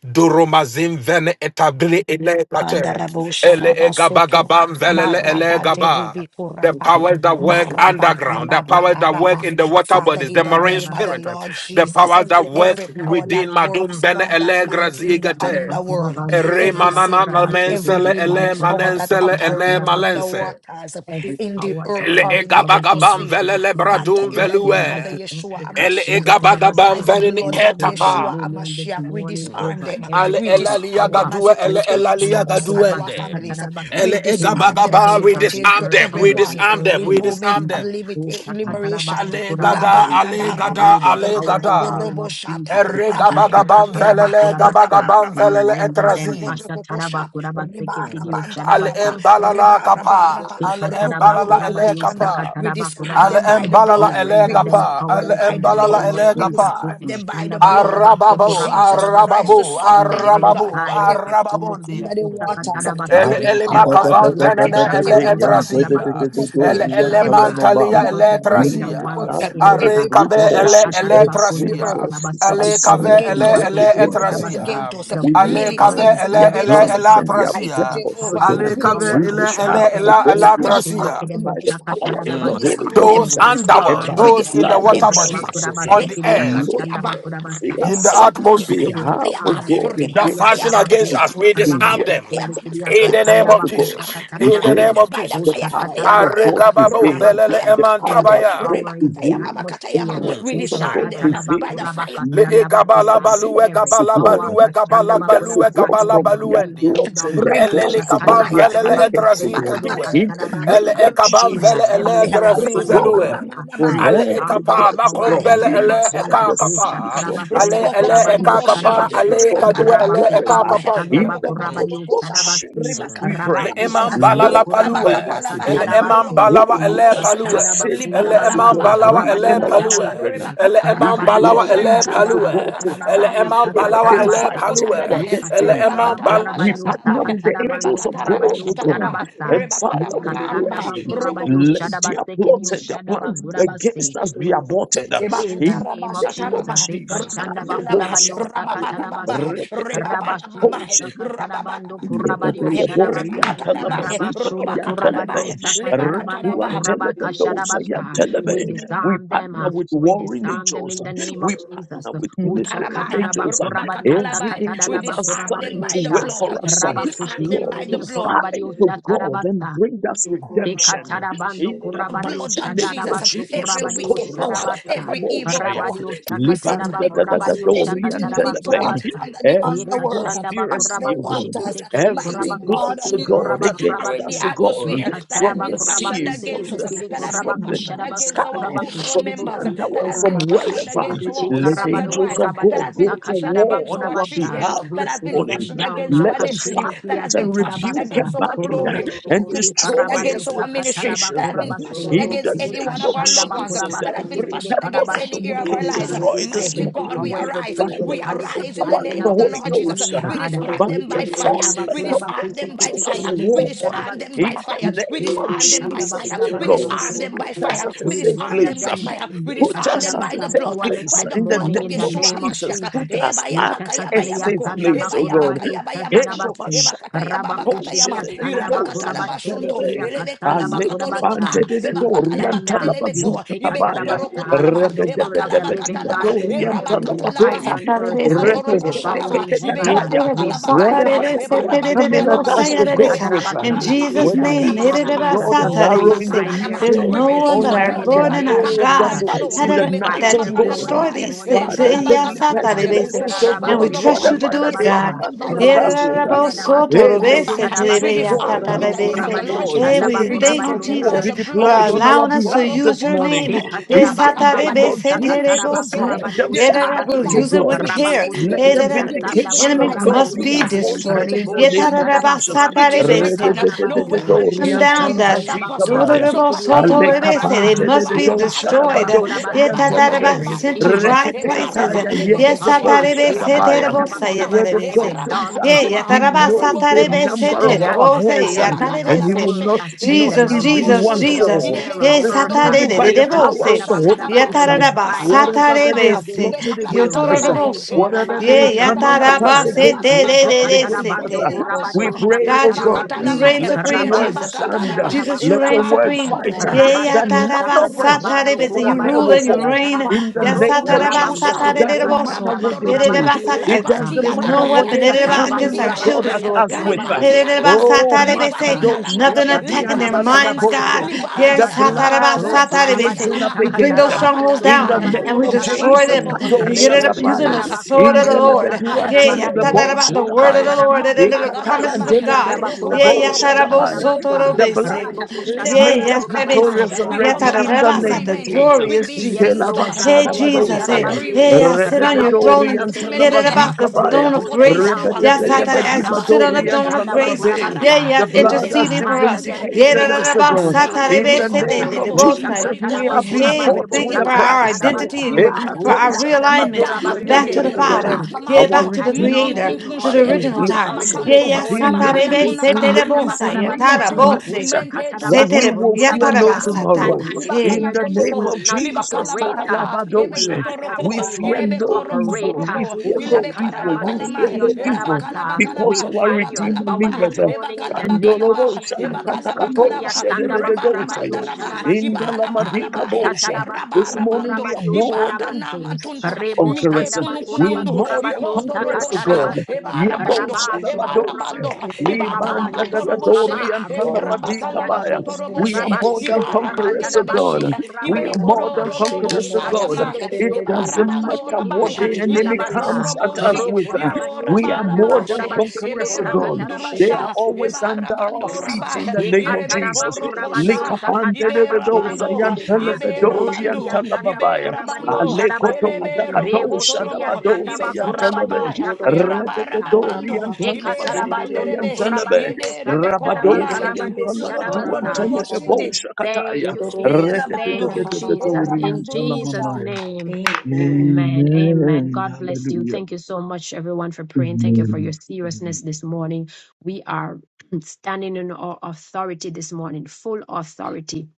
Duromazim vene etabli ele plache. Bandarabo Ele Sharaba soto egabagabam velele ele Maraba gaba. Deribi The Kuraba, powers that work Marabata underground, the powers Rabata that work Rabba. in the water Father, bodies, in the the marine name of the spirit, Lord the Jesus, powers that work every power within that Madum works, Bene God Elegra Almighty, in the Zigate. underworld, Ere every manana satanic, every namensele ele demonic power that manensele ene operate in the Oh, malense. waters, Every in the power, earth, Ele all or in the authority egabagabam has atmosphere. been velele given Father, to bradum in what the name of the velue. Almighty God. Yeshua They can Ele change the Amashiach, Kadabasa. by egabagabam the velini We blood of take Yeshua etapa. dominion this Amashiach, we morning disarm over them. Ale every We evil elalia disarm power. them as gadue it We ele can pertains stand to elalia up, us and Kudabasa, our gaduende. families. Katarabasa, We Ele In the disarm them as egabagaba it heavens we and the pertains disarm to earth, them, we under the everyone disarm earth, them, in we in the moment disarm sea. of them. limit, Oh, liberation. Shakatarabasa, Ale Kudabasa, gada, Laba We ale take raba raba, away gada, their ale powers in the rokoko gada. name of robosha, Jesus. Ere Oh, raba gabagabam rabande Shakatarabasa, raba, velele Kudabasa, raba gabagabam raba, We velele render them. etrazi. rokoko Rasha rokoko Taraba sha, Kudabasa, reba Ketidio rabanda Al Shadabasa. embalala raba, Raba, kapa. raba, Al rukuku, embalala rukuku, ele shanda. kapa. We disarm Al them by the embalala We blood. ele We render them gapa. disarm Al them powerless by in the the embalala blood. name of ele We gapa. Jesus. disarm them by the blood of Arababo, Jesus Christ, arababo, the Son of We the Living arababu, God. nullify Every power arababundi. under the waters, We El every power desire every on the Elimakavan power earth, venene ele every power in the etrasia. El atmosphere, every power, elementalia because God, the under the greater other one eletrasia. is world. in us. Are Every every kabe power, ele God forces, Almighty, on every the earth, eletrasia. uh, forces Ale fashioned kave assigned to against ele us, work uh, ele against working us. etrasia. against us, uh, The We greater Ale one kave is disarm militating ele in their us. against ele us, We uh, plans have. and a their the mighty elatrasia. purpose, O Jehovah, authority, the Ale God. we kave power We disarm to ele them ele by disarm, trample. O ela fire. God, We their elatrasia. disarm power them by by the fire. power of We the Mm. Ekashendekidebosakatarabasa. Holy disarm So them Those Ghost we by fire. and underworld, disarm. by uh, We the those in the blood disarm of water them by bodies, Jesus. fire by Ekatarabakurabasa, on the the earth, Lord, every Kiriakashandabakurabasa in the assignment they atmosphere with his have, O arm like God, that Ikidia fashion against us, against O Sabaku, God, us, we to disarm work Rabaku them. Sendikidia In the name sisters of to Kasandabaku God. Jesus. We In the pray name Shakatanabasa, of Jesus. the fire power katayama of Ushakatanabako kayama God Aregababo rama prevail. belele Sakatanabasa, katayama The power katayama every of emantabaya. God reba power in the katayama prevail. The makatayama atmosphere, Mm, we presence of mm, disarm God them mm. huh, by the prevail. Ushakatanabako fire Le e Lord, gabala Rabakasandabakosa, exalt balue every us to gabala God. power balue gabala That's so balue Kashandabakurabasa God in gabala the from their marine baluendia. plots and kingdom, their Elele plans, so God, kabam Ribakatalabaya, their velele Ushatandabakurabaku antics, so etrazi God, Sendikidia kadue. in the Libalabalabakatalabaya, Ele name e of Kashanabasa, kabam in the vele Jesus, ele heavens, hide Ribakatalabaya, in the us, so etrazi God, velue. underworld, from we Rubabarabarabaya, Ale e every disarm their kapa plot, so power in the Rubabarabaya, God, makombele name ele of e from ka the Jesus. Oh, sea, kapa. Libakalababalababaya, from the Ale sky, ele e from Kurabani ka the Robokotoroboshi, kapa underworld, Sharabasi. ale e from the kadue ele e ka wherever, Rabakusudia Ribakalabakalamabaya, kapandia. in Sandabaku the name Rabani of Rokokotorokosa, Sharabasi. Jesus, we Le pray, Ribakalabakalabaya, eman Rabakushandaba balala Lord, Amen. palue. help Kurabasi us, so Ele Libalabakatalabaya, God, eman Kasharabasi. Hey, balawa put ele us at Robokotorokoshanda, a palue. safe Ele place, so Yekashandabakundabado eman God, balawa we Sokurabani ele and Libakalababalabakatalaba, our palue. children. Sharabasi. Ele We eman Ribakatarabaya, Rabadi balawa deploy ele angels of palue. Shatarabando God to Ele Ribakarababakarababaya, Kurabani oh, fight eman balawa anything Rokokoto ele Sakatarabasa. fighting palue. our rokotalabahe. Ele destinies. um, eman bal. We Yekashandabakurabani partner Rebakatarabashatarabah. with the angels Sakatarabando of God, Kurabani oh oh, Rebakatarabashatarabah. God. Sharabasa. And Ye Father, we kasanda Rebakarababarabah. pray, bakura Roko- bari let ushada their baseke di plots and their ushada plans bakura base. against us be aborted. um, In the In the name of name of Ebakatarabashatarabah. Jesus, e Jesus. kashanda bakura Kalebo Rabakatalabah. bari usaka Shakataya, Rababarababah. tarabaso. Rabashi di Rebabarababah. Reketekatakaposhe. usaka tarabando kura bari Rababarabakalababahe. Lebebele ushada basa. borian Rebakatalabah. talabazuka Rabashudo kayan kura bari telebe. Robakatalabah. usaka tarabando Ratuan Lebakatalabah. kura telebe baka dosa yan basa. telebe. We We disarm them. partner uh, with We warring disarm them in angels. the name of We Jesus. partner with Ucha Katarabah. ministering katara angels. bakura bari Rebakatalabah. Every usaka We angel tarabakura disarm bari them assigned to by the work usha. blood. for us. We Ikora disarm them Lord, by Rabakushekete the di to blood. kura bari fight to usha God and tarabasa. bring us redemption. Ekatarabando In the kurabadio blood mighty of name Jesus, of shatarabasto every Jesus. kurabadio wicked power, sharabasta. every evil Korasatakaboshaya. power, Rabadio every shakataraba Libanda satanic da da power, da kurabadio every dorian shakataraba demonic power telebe. kurabasta. under the Every underworld, Ekashandaba under kuraba the conspiracy, O God. kushikete waters, kere Every mighty kuraba plot, God on of kushikete the earth God, kuraba against or in the kurabasi. us, oh God, atmosphere that has from Ekasharaba the been kuraba sea, fashioned from against kushikete us, the kere that has been kuraba from the fashioned kusharabasto against our sky, kuraba household from the members, kushiribusa. that underworld, has from been fashioned wherever. against our Let the husbands Chikarabado and angels wives, of that kurabadio God has been go to fashioned sakataraba war against on our our kurabasha. children, behalf that We this has been pull morning. them fashioned down. against Let our them destiny, that fight Akashindikia has been and fashioned rebuke katarabasa. against and our bind glory, Kurubu that has and been shikili fashioned fashioned destroy karabado against every our ministry, sakataraba orchestration that has been fashioned kurabase. in the against any one name of of our loved Yukashandaba ones, Jesus. that kurabase has been Every kitede fashioned purpose against of the any karabashede ear of our wicked lives. debosa. destroyed this Mighty Every God, we morning power, every arise. by the We principality arise in the power fighting of name the us of the this Holy Lord Jesus. Ghost, morning, uh, We God. disarm by them the by fire. Yukashandaba We enforcement of the disarm kurabakuse them by angels of fire. kitekiri We war, disarm them by bokushadabasa. in the fire. We We name take of a disarm them by shandaba Jesus, fire. oh We God, disarm kitede them put by bosa. us fire. at a We We safe disarm render them place. by uh, them fire. We make a Put disarm us them at by a the shadabasa safe blood, powerless place. by this the In the blood morning of in name the of Yeshua name Rababa of Jesus, Mashiach. put Jesus. us Eba at yamaka yaba a Ushakataria safe yabako. sanda place, Eba oh God. yabaka bakurabadi yaba yabakato. ushatarabasi. Eba kata yaba bakata Poshe Yama, Rabakushidia de de de sanda dosa bakurabashende Irabakatarabashondo, yantelebe. kidia katanda Aleka Elebekalabakatolokota, bante bakurabasa. de de We dori stand up. yantala Ebakatalabakatelebeko, You bazuta say kabaya. katarabasa. Ibekotorokotalama, The Rebe de word de of de the de living diba Ebakalabakatalama, God says, dori whatever yantala we In babe. Erabakatalama, bind on earth uh, Reke is ke te bound Rokokotorokoshalama, ke in te heaven. uh. tataya. We Ibekalabakalamatalama, bind Whatever their that they are powers this coming at morning. us Ebarabakatalabashu, to God with, uh, Rabba Eshekatarabasa. Ibekalamakalama, In Jesus' the whether name, it name is of to Arabaraba, Jesus, God uh, an O we arrow in the bind new their Rabakatalaba. there's day We powers no this one or release but the in the, morning our blood. in the the Lord and name our of arrow that God Jesus. flies Ekanakanakano, in We the night, bind that oh their can God. powers destroy this Imekalamakanakana, these morning in things. the Father, name And of deadly Ebakalabakalama. Jesus. Oh, pestilences, oh we God, trust Orokokotolobo. shadarabasekidio you to whatever We do that it, they are God. disarm shadabasa, them coming by at Hey, fire. us with. uh, We disarm them Hey, by rokosheliadabasekidio let the fire. angels We of shadabasa, disarm God them uh, in the name be of the rokorabadio Lord deployed. Jesus. Let the we We thank angels you, disarm of shandabakorabadio them war by Jesus, be the for blood of deployed sakatarabase. on Jesus. our allowing us to behalf use this your morning. name. Orokokotoroko, In Yes, the name elabakatalaba. Ekatarabakorabario of We Jesus, disengage let them sakatarabakorabario their yeah, that I evil fight will to sharabase. use devices. it God. with We care. Rabako Let Hey, disengage the that seketi I- their the yasanda evil vindication of enemies devices. God must bakorabario We be be our sa. disengage portion destroyed. in the Rebo Yeah, their name that I- of evil that I- devices. Jesus. It shatarabakorabario is Satarebese. written, We no sakatarabase. put weapon them fashioned down, against us that. Ekashanda shall prosper. Redededededoriantalapazikabaya. bakorabase So kirioko katayamakayaba, They sharabasa. must be Ekashanda destroyed. ebarabaraba, Yeah, bakorabase. that I- that Alekapantedededosadabadosayantelebe. Every Sent to evil elabalabalaba, dry spirit, places. every Reketekataya evil Yes, power, Satarebese, yebedeboshadabaya. ebarabandelebe, Ekashanda Terebose, The yeah, katalaba, word bakorabasa, of eba every God Terebese. raba says dark uh, Yeah, power, yeah, he that katalaba, I- that I- knows orobo the principality, kolobo in Satarebese, number of the sandalaba, our Terebose, eba hairs atmosphere, yeah, uh, laba in the and he katalaba Terebese. will underworld, not, she, uh, in not the erebe Jesus, korobo even marine Jesus, one sundu, kingdom Jesus. fall. idebe here on Yes, This earth. kasondolo uh, du, morning, by the idebe power Satarebese. of the Holy kasandalaba, Ekashandabakurabasa, Ghost, uh, We Yataraba eraba bind your raba whatever that powers they kanaba, have today. satarebese. ibe plotted We kalaba against us, uh, render kalaba, you Yotoroboso. whatever powerless eraba in they the raba Ye name of coming at katalaba, us yataraba Jesus. eraba against, oh raba God, toroko, against us, ibe uh, raba we seterereresetereboso. raba, pray, oh God, raba God, you, you Ushakatarabandokurabandiosakatarabaso, reign katalama, let your supreme, word meraba Jesus. Rabakushendiandabakurabasi, stand, katalaba, uh, Jesus, you let your reign eraba de word supreme. fight, rabando, uh, that none iteroko of the torukusha, hairs of Yeyatarabasatarebese. our You hair eraba rule will and you fall. reign. ribikuraba, In the name robondo of Jesus, it rukusha, doesn't matter Yasatarabasatarereroso. what they Ebarabandorokoa, do. It Yererebasata- uh, Rabakushiriakasandabakurabashidebosa, doesn't There's matter no what Rebo Libadialamaya, they weapon are erereba- Sataraba against coming, libadi our oh Kuraba God, children, at Siondo Lord us God. Kuraba with. Libadialamaya, Kusendikinia Oh, libadi Karabasa. Yererebasatarebese. Makadosha Nothing Usha Dabadi attacking and their Kataraba minds, Libadialamaya, Kurabadio Talababose. God. libadi The Sakatarabasa. blood Ro has Kurabadio risen Yesatarabasatarebese. Libadialama, up We bring against those them. strongholds Sakatarabasondo In the down Elabadalamaya, Kurabadio and name you. we of destroy Jesus, them Sharabaste. Orokokotoroko, Thank Kadosha Rebo Yerereba- using Dabaya. the Ilebekalaba, Sataraba sword In of the the Kurabadio Lord. Lebedu and Ilebekolaba, Sakatarabaste. Yeyataraba- Talababosha The Eka word of Ilebekolaba, Dabaya. the Lord. Yerereba- Sharabasondo The Ekataya and promises Marabakatalaba, Kurabadio of God. Shandaba Delebe, Kurabase Rabosha Debo Rokokotoroko, Dabaya. Sharabasa. The Yeyatarabosotorobese. blood Lebalabalaba, Rebo has Hey, made Kusharabaso us Lebarabakala. yes, baby, Kurabadio Kalama. say, victorious We Shandaba yes, come I already Mighty out of in the remember Kurabaste. name of Satan. agreement Jesus. with glorious these Yes, Jesus. things, Lord God. God. Hey, Kelabashada God. Eh, However, we Jesus, have hey, Badosaya, agreed with hey, them, I sit we on your come out throne of and Rededorianta agreement hear with it them. rabakusheketerebosa. about the Labazika We Baya, throne of pull them grace. down. Rokokotorokua, We Yes, tear Satan, them as you down. sit oh, on the libarabandelebe, throne Rebedebedebedibadorianta of grace, Lababe. yeah, ribakarabai, The yes, We blood has interceding for dismantle us. lebarabande, them this Yeah, da, vindicated da, da, morning us, O in about the God. Satan, libarabanda, name of eh, In baby, the say, Jesus. they, name they, they of rokokorobo, both say, Jesus, Holy we we- have Ghost been Hey, fire, we bought thank with you Ushakatarabakurabariebosa a for our price. lebarabandu, identity in katatarabasa. you, for our ibadamanda, Ekatoshada realignment back medamakunde, Badosayanta to the Father, Labe. yeah, We Our back ibakamanku, to the stand in our Creator, King to of Redeemer the mukunkunkunshe, original time. lives. authority Yeah, this ikamakantu, yes, He Satan, morning. eh, baby, lives, say, he they, imakanakunaka, they Ekashanda both lives, he say, bakoda yeah, lives, Tara, he basta, imakatontotu, both say. lives. imente ushakatana That we Setere tututu, bu bastondo will koda fear no libete basta. Konoku, yatarabasata. And tomorrow. we Ye. In Ibakana declare the that you name will konokonoko, of Speech. not Jesus, If I operate. uh, feel libakalabakata, You will Alabadoshe, not have we ebekatoroko, God, free fear our reign to no gates, operate. evil, uh, we irebekorokotoroko, we fear no command ushakatana evil, we our fear ilebekarabakalama, basekedi no day, mighty yoshada God, evil, in the basta. name of elabakalabakalaba, because We our bind your Redeemer ebakalababa, power liveth. this morning in the name ebakalabakalaba, of or Kandorobosha, Jesus. Jesus, Ushidi ebakalabakalaba, tekatakatoshe, asanda bakura badi to dedededosaya. rebarabandaraba, be yoshada In retrieved the baste. by Lamadika Rebo ibalabalabaya, Bosha, shatara this bastondo angels. morning kura we erabarabando, are badi more than my baste. Thank assets. ibadanamantunta, I Rebo recover conquerors. shanda my bakura We are glory. mitekunukunundu, I bakura more badi than recover my conquerors to yosakatara God. ikotorokosha, God. Everything which you Yebo ebarabando, Rabaci, shadabadose, ebarabando, curabasso, libanda curabace, dadadori ibakalabatoroboshe, curaba, I robose speak for antalabadikabaya. kiriashi, the eberabakalamakotorobo. good We and are I more rabashi Ibe, shall than diosa recover conquerors Ibarabandele to all catarabasso, God. Beshia, that We it are Ibe that more I than curabadebosa, shall Kororobo conquerors e to recover Shaya God. with cascende Maya, It interest in kirioko, the doesn't land Ibarabando of sadabasse matter what Rabaya, kirioko, the enemy Michigan. Ilebe shadabasta, comes at That us Koroboshi, with. roku Iro rabadio, We are more than Rabarabashi, shandabakurabasse I conquerors Ebe am to diosa a God. woman of They catarabasse, my are Robondurusha, son. always I under coming our Ibarabando out feet in Rabaya, the stronger. e than name of Irebe Jesus. Jesus, my catarabacurabadiosa Korokosha, Likapande de Ibe de dosa Rabando, catarabacurabadiosha, Ibe yantalabadori roche dia Rabando, you. Ibe antalababaya. sandabacurabadio, Amen. Rabando, Father, we shadabasse, Elebe thank rebo sheria Rokokotorobo, Alekotokatakadoshadabadosa Ibe yantelebe. Karababaya, sandabacurabadiosha catarabasta, Redededori Erabarababando, Ibe yantalabazuta Ekatarabayondo Rabanderebe, kayantelebe. kurabaribo Yederebe Rabadosa Korabaya, sakatarabakarabario yantalabadu Yororo rororo sharabasa. antelebe boshinde. bosha kataya. Thank you, Eh, Jesus. rabando. Thank you, Eh, Jesus. Rededededededori In you rabando rurusha. Jesus' yantalamamaya. name. Amen. Amen. Amen. God bless you. Hallelujah. Thank you so much, everyone, for praying. Thank you Amen. for your seriousness Amen. this morning. We are standing in our authority this morning, full authority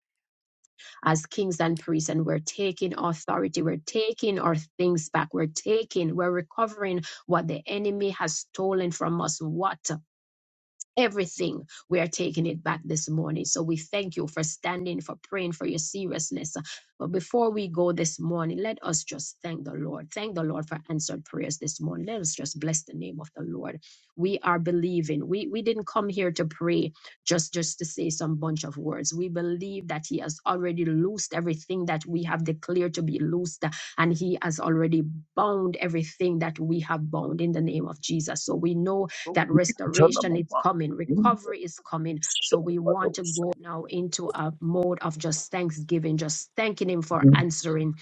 as kings and priests, and we're taking authority. We're taking our things back. We're taking, we're recovering what the enemy has stolen from us. What? Everything, we are taking it back this morning. So we thank you for standing, for praying, for your seriousness. But before we go this morning, let us just thank the Lord. Thank the Lord for answered prayers this morning. Let us just bless the name of the Lord. We are believing. We we didn't come here to pray just just to say some bunch of words. We believe that He has already loosed everything that we have declared to be loosed, and He has already bound everything that we have bound in the name of Jesus. So we know Oh, that restoration is coming, recovery is coming. So we want to go now into a mode of just thanksgiving, just thanking Him for answering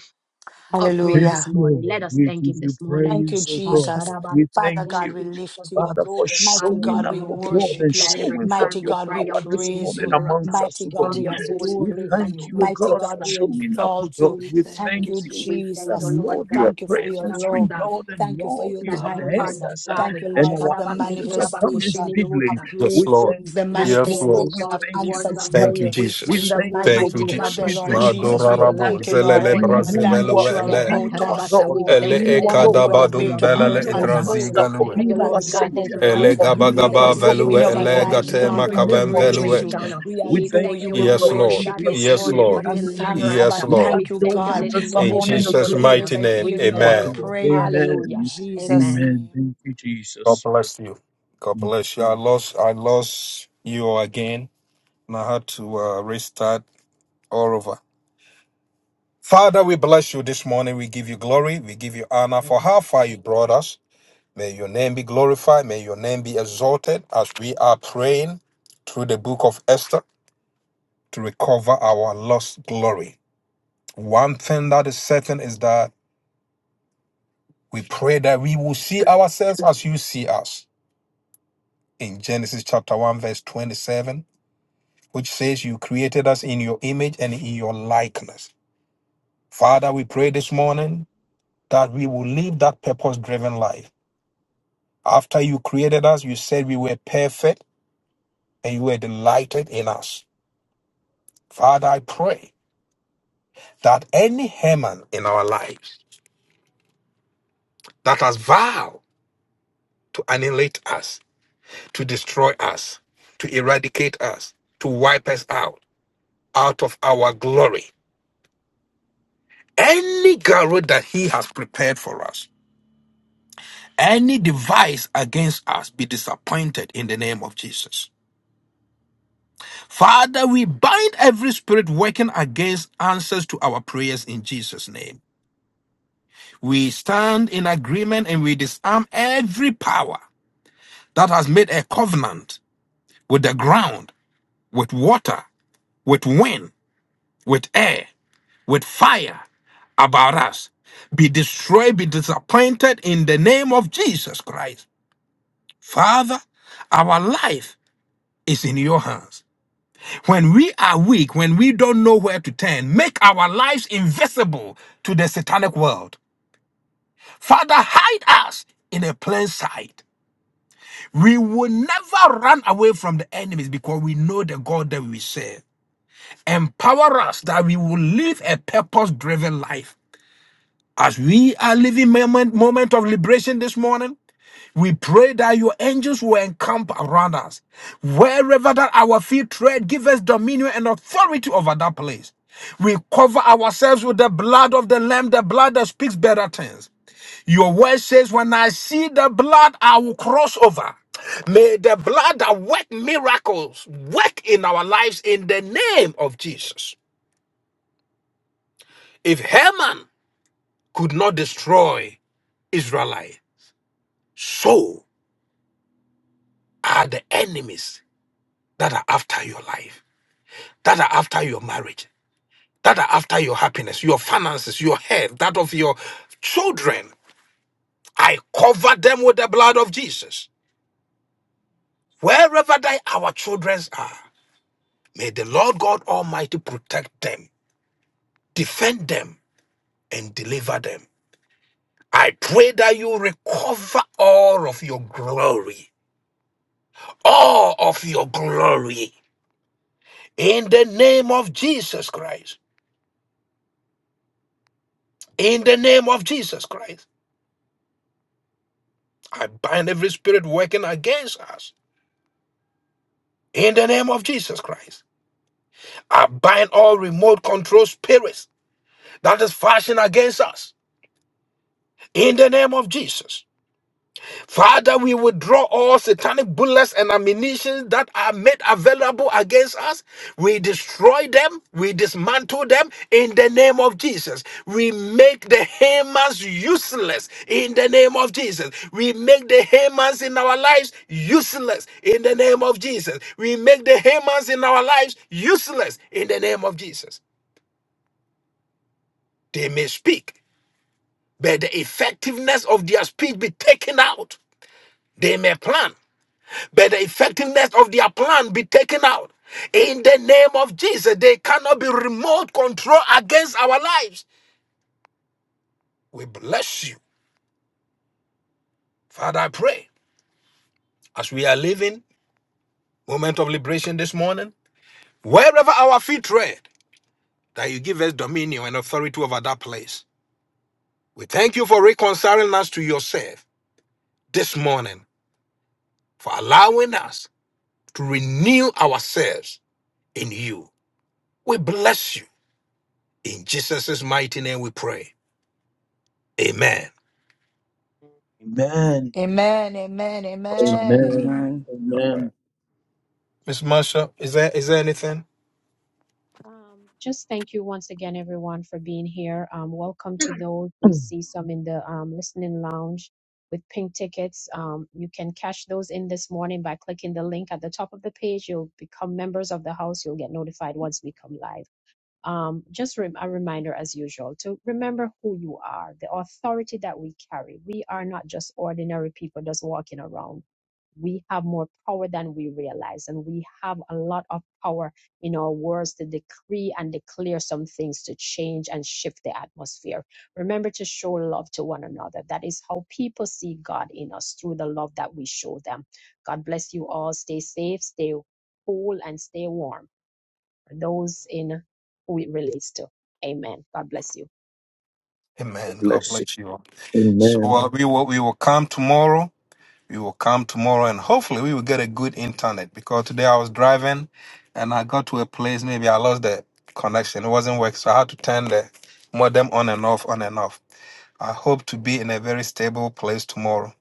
our prayers Yes, this Hallelujah. morning. Let Lord, us we thank give Him you this morning. Thank you, praise, oh God. Jesus. We Asharabasa, Father thank Thank God, you, we you, Jesus. lift We you up. Father, for glorify Mighty you showing this God, up, we oh morning. God, and worship you. That this every showing forth morning. time Mighty your we God, We cry we power out to this you, you praise morning you. hear us uh, amongst us, Mighty oh God, from God. we your holy adore We you. place and thank you you, oh Mighty answer God, us. for God, uh, we showing up, oh exalt God. you. We thank you Thank thank you, this you. morning. We thank That Jesus. you, Lord. Lord Lord, you God. are Thank you prayer for your answering love. Asharabasa, God, and Thank you for Lord, your you That have you Father, are heard we kindness. the us, uh, thank God. Thank you, and you. Lord, for our the Kashadabasa, Lord. answers are coming manifestation speedily. of Kurabakushinirusa. Yes, great We Lord. thank things, you the me this of Yes, Nothing my good Lord. morning. sin, We manifestation of thoughts We thank you towards answered this us. glorify Thank you, prayer. morning. We We In thank Jesus. the you, thank you, I O mighty Thank you, Almighty name God. of God, covered the for We all, Jesus. Lord thank being our you, Jesus, Madora O we battle God axe rabo thank you, this for Lord, zelele being for morning. who that you brazevelue which you are, are for recovered ele being about all, to our Ekatarabasa, God, We for recovered unfold ele all, thank being you that our this that you Lord, are morning for ekadabadum about your for to being belele un- our mercies. uh, idrazi Master, unfold, We for galue that thank You being you, are that our recovered Lord which you are God, worthy to all, this about Savior, to be morning ele cause for to for being covering Every our healing. gabagaba uh, manifest God velue We in this our thank ele you this lives, morning. praised, gate In morning Lord. the We for name makaven of praise you, velue restoration. Jesus, uh, we Lord. we We thank adore thank you, you, you, we O God. Yes, Almighty We Lord. worship God, you, this bless Yes, you. we morning We give for Lord. you honor Hallelujah, you. thanks. deliverance. Yes, Abba, matchless uh, We Lord. thank We you, adore thank you Jesus. you God, this this for In morning for morning, O opening your Jesus' God, healing. uh, ears mighty for and name, We being hearing our our thank Amen. God. you. prayer Thank in Hallelujah. Amen. you. Jesus' Amen. Amen. Thank name. you, God Jesus. bless you. God bless you. I lost. I lost you again. And I had to uh, restart all over. Father, we bless you this morning. We give you glory. We give you honor for how far you brought us. May your name be glorified. May your name be exalted as we are praying through the book of Esther to recover our lost glory. One thing that is certain is that We pray that we will see ourselves as you see us. In Genesis chapter 1, verse 27, which says, You created us in your image and in your likeness. Father, we pray this morning that we will live that purpose driven life. After you created us, you said we were perfect and you were delighted in us. Father, I pray that any Haman in our lives that has vowed to annihilate us, to destroy us, to eradicate us, to wipe us out, out of our glory. Any garrote that he has prepared for us, any device against us, be disappointed in the name of Jesus. Father, we bind every spirit working against answers to our prayers in Jesus' name. We stand in agreement and we disarm every power that has made a covenant with the ground, with water, with wind, with air with fire about us. Be destroyed, be disappointed in the name of Jesus Christ. Father, our life is in your hands. When we are weak, when we don't know where to turn, make our lives invisible to the satanic world. Father, hide us in a plain sight. We will never run away from the enemies because we know the God that we serve. Empower us that we will live a purpose driven life As we are living moment, moment of liberation this morning, we pray that your angels will encamp around us. Wherever that our feet tread, give us dominion and authority over that place. We cover ourselves with the blood of the Lamb, the blood that speaks better things. Your word says, When I see the blood, I will cross over. May the blood that work miracles work in our lives in the name of Jesus. If Haman could not destroy Israelites, So are the enemies that are after your life, that are after your marriage, that are after your happiness, your finances, your health, that of your children. I cover them with the blood of Jesus. Wherever they, our children are, may the Lord God Almighty protect them, defend them, and deliver them. I pray that you recover all of your glory, all of your glory, in the name of Jesus Christ. In the name of Jesus Christ, I bind every spirit working against us. In the name of Jesus Christ, I bind all remote control spirits that is fashioned against us. In the name of Jesus. Father, we withdraw all satanic bullets and ammunition that are made available against us. We destroy them. We dismantle them in the name of Jesus. We make the Hamans useless in the name of Jesus. We make the Hamans in our lives useless in the name of Jesus. We make the Hamans in our lives useless in the name of Jesus. They may speak, but the effectiveness of their speech be taken out. They may plan, But the effectiveness of their plan be taken out. In the name of Jesus, they cannot be remote control against our lives. We bless you. Father, I pray as we are living moment of liberation this morning, wherever our feet tread, that you give us dominion and authority over that place. We thank you for reconciling us to yourself this morning, for allowing us to renew ourselves in you. We bless you. In Jesus' mighty name we pray. Amen. Amen. Amen, amen, Awesome. amen. Amen. Amen. All right. Amen. Miss Marsha, is there is there anything? Um, just thank you once again, everyone, for being here. Um, welcome to those. We Mm. see some in the um, listening lounge with pink tickets. Um, you can cash those in this morning by clicking the link at the top of the page. You'll become members of the house. You'll get notified once we come live. Um, just rem- a reminder, as usual, to remember who you are, the authority that we carry. We are not just ordinary people just walking around we have more power than we realize, and we have a lot of power in our words to decree and declare some things to change and shift the atmosphere. Remember to show love to one another. That is how people see God in us through the love that we show them. God bless you all. Stay safe, stay cool, and stay warm for those in who it relates to. Amen. God bless you. God Amen. God Bless you. bless you. So Amen. uh, we will we will come tomorrow. We will come tomorrow, and hopefully we will get a good internet because today I was driving, and I got to a place. Maybe I lost the connection. It wasn't working, so I had to turn the modem on and off, on and off. I hope to be in a very stable place tomorrow.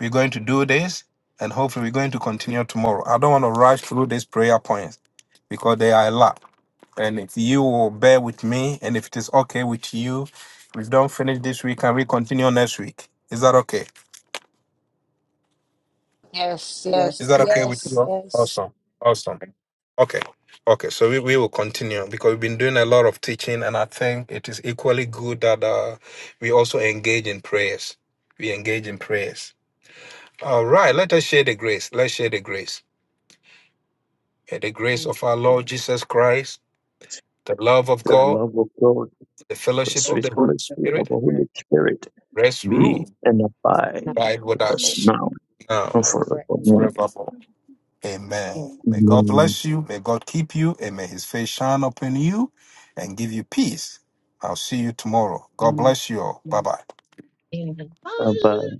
We're going to do this, and hopefully we're going to continue tomorrow. I don't want to rush through these prayer points because they are a lot. And if you will bear with me, and if it is okay with you, we don't finish this week and we continue next week. Is that okay? Yes, Is yes, that Yes. okay with you? yes, all? yes. Awesome. Awesome. Okay. Okay. So we, we will continue because we've been doing a lot of teaching, and I think it is equally good that uh, we also engage in prayers. We engage in prayers. All right. Let us share the grace. Let's share the grace. May the grace Amen. of our Lord Jesus Christ, the love of The God, God, love of God. the the fellowship of sweet the fellowship, Holy the fellowship Holy of Spirit the Holy Spirit, Spirit rest, be rule, and now abide abide with with with us you. us all, us now now and now and forever. forevermore. forevermore. Amen. Amen. May God Amen. bless you. May God keep you. And may his face shine upon you and give you peace. I'll see you tomorrow. God bless you all. Bye bye. Amen. Abide.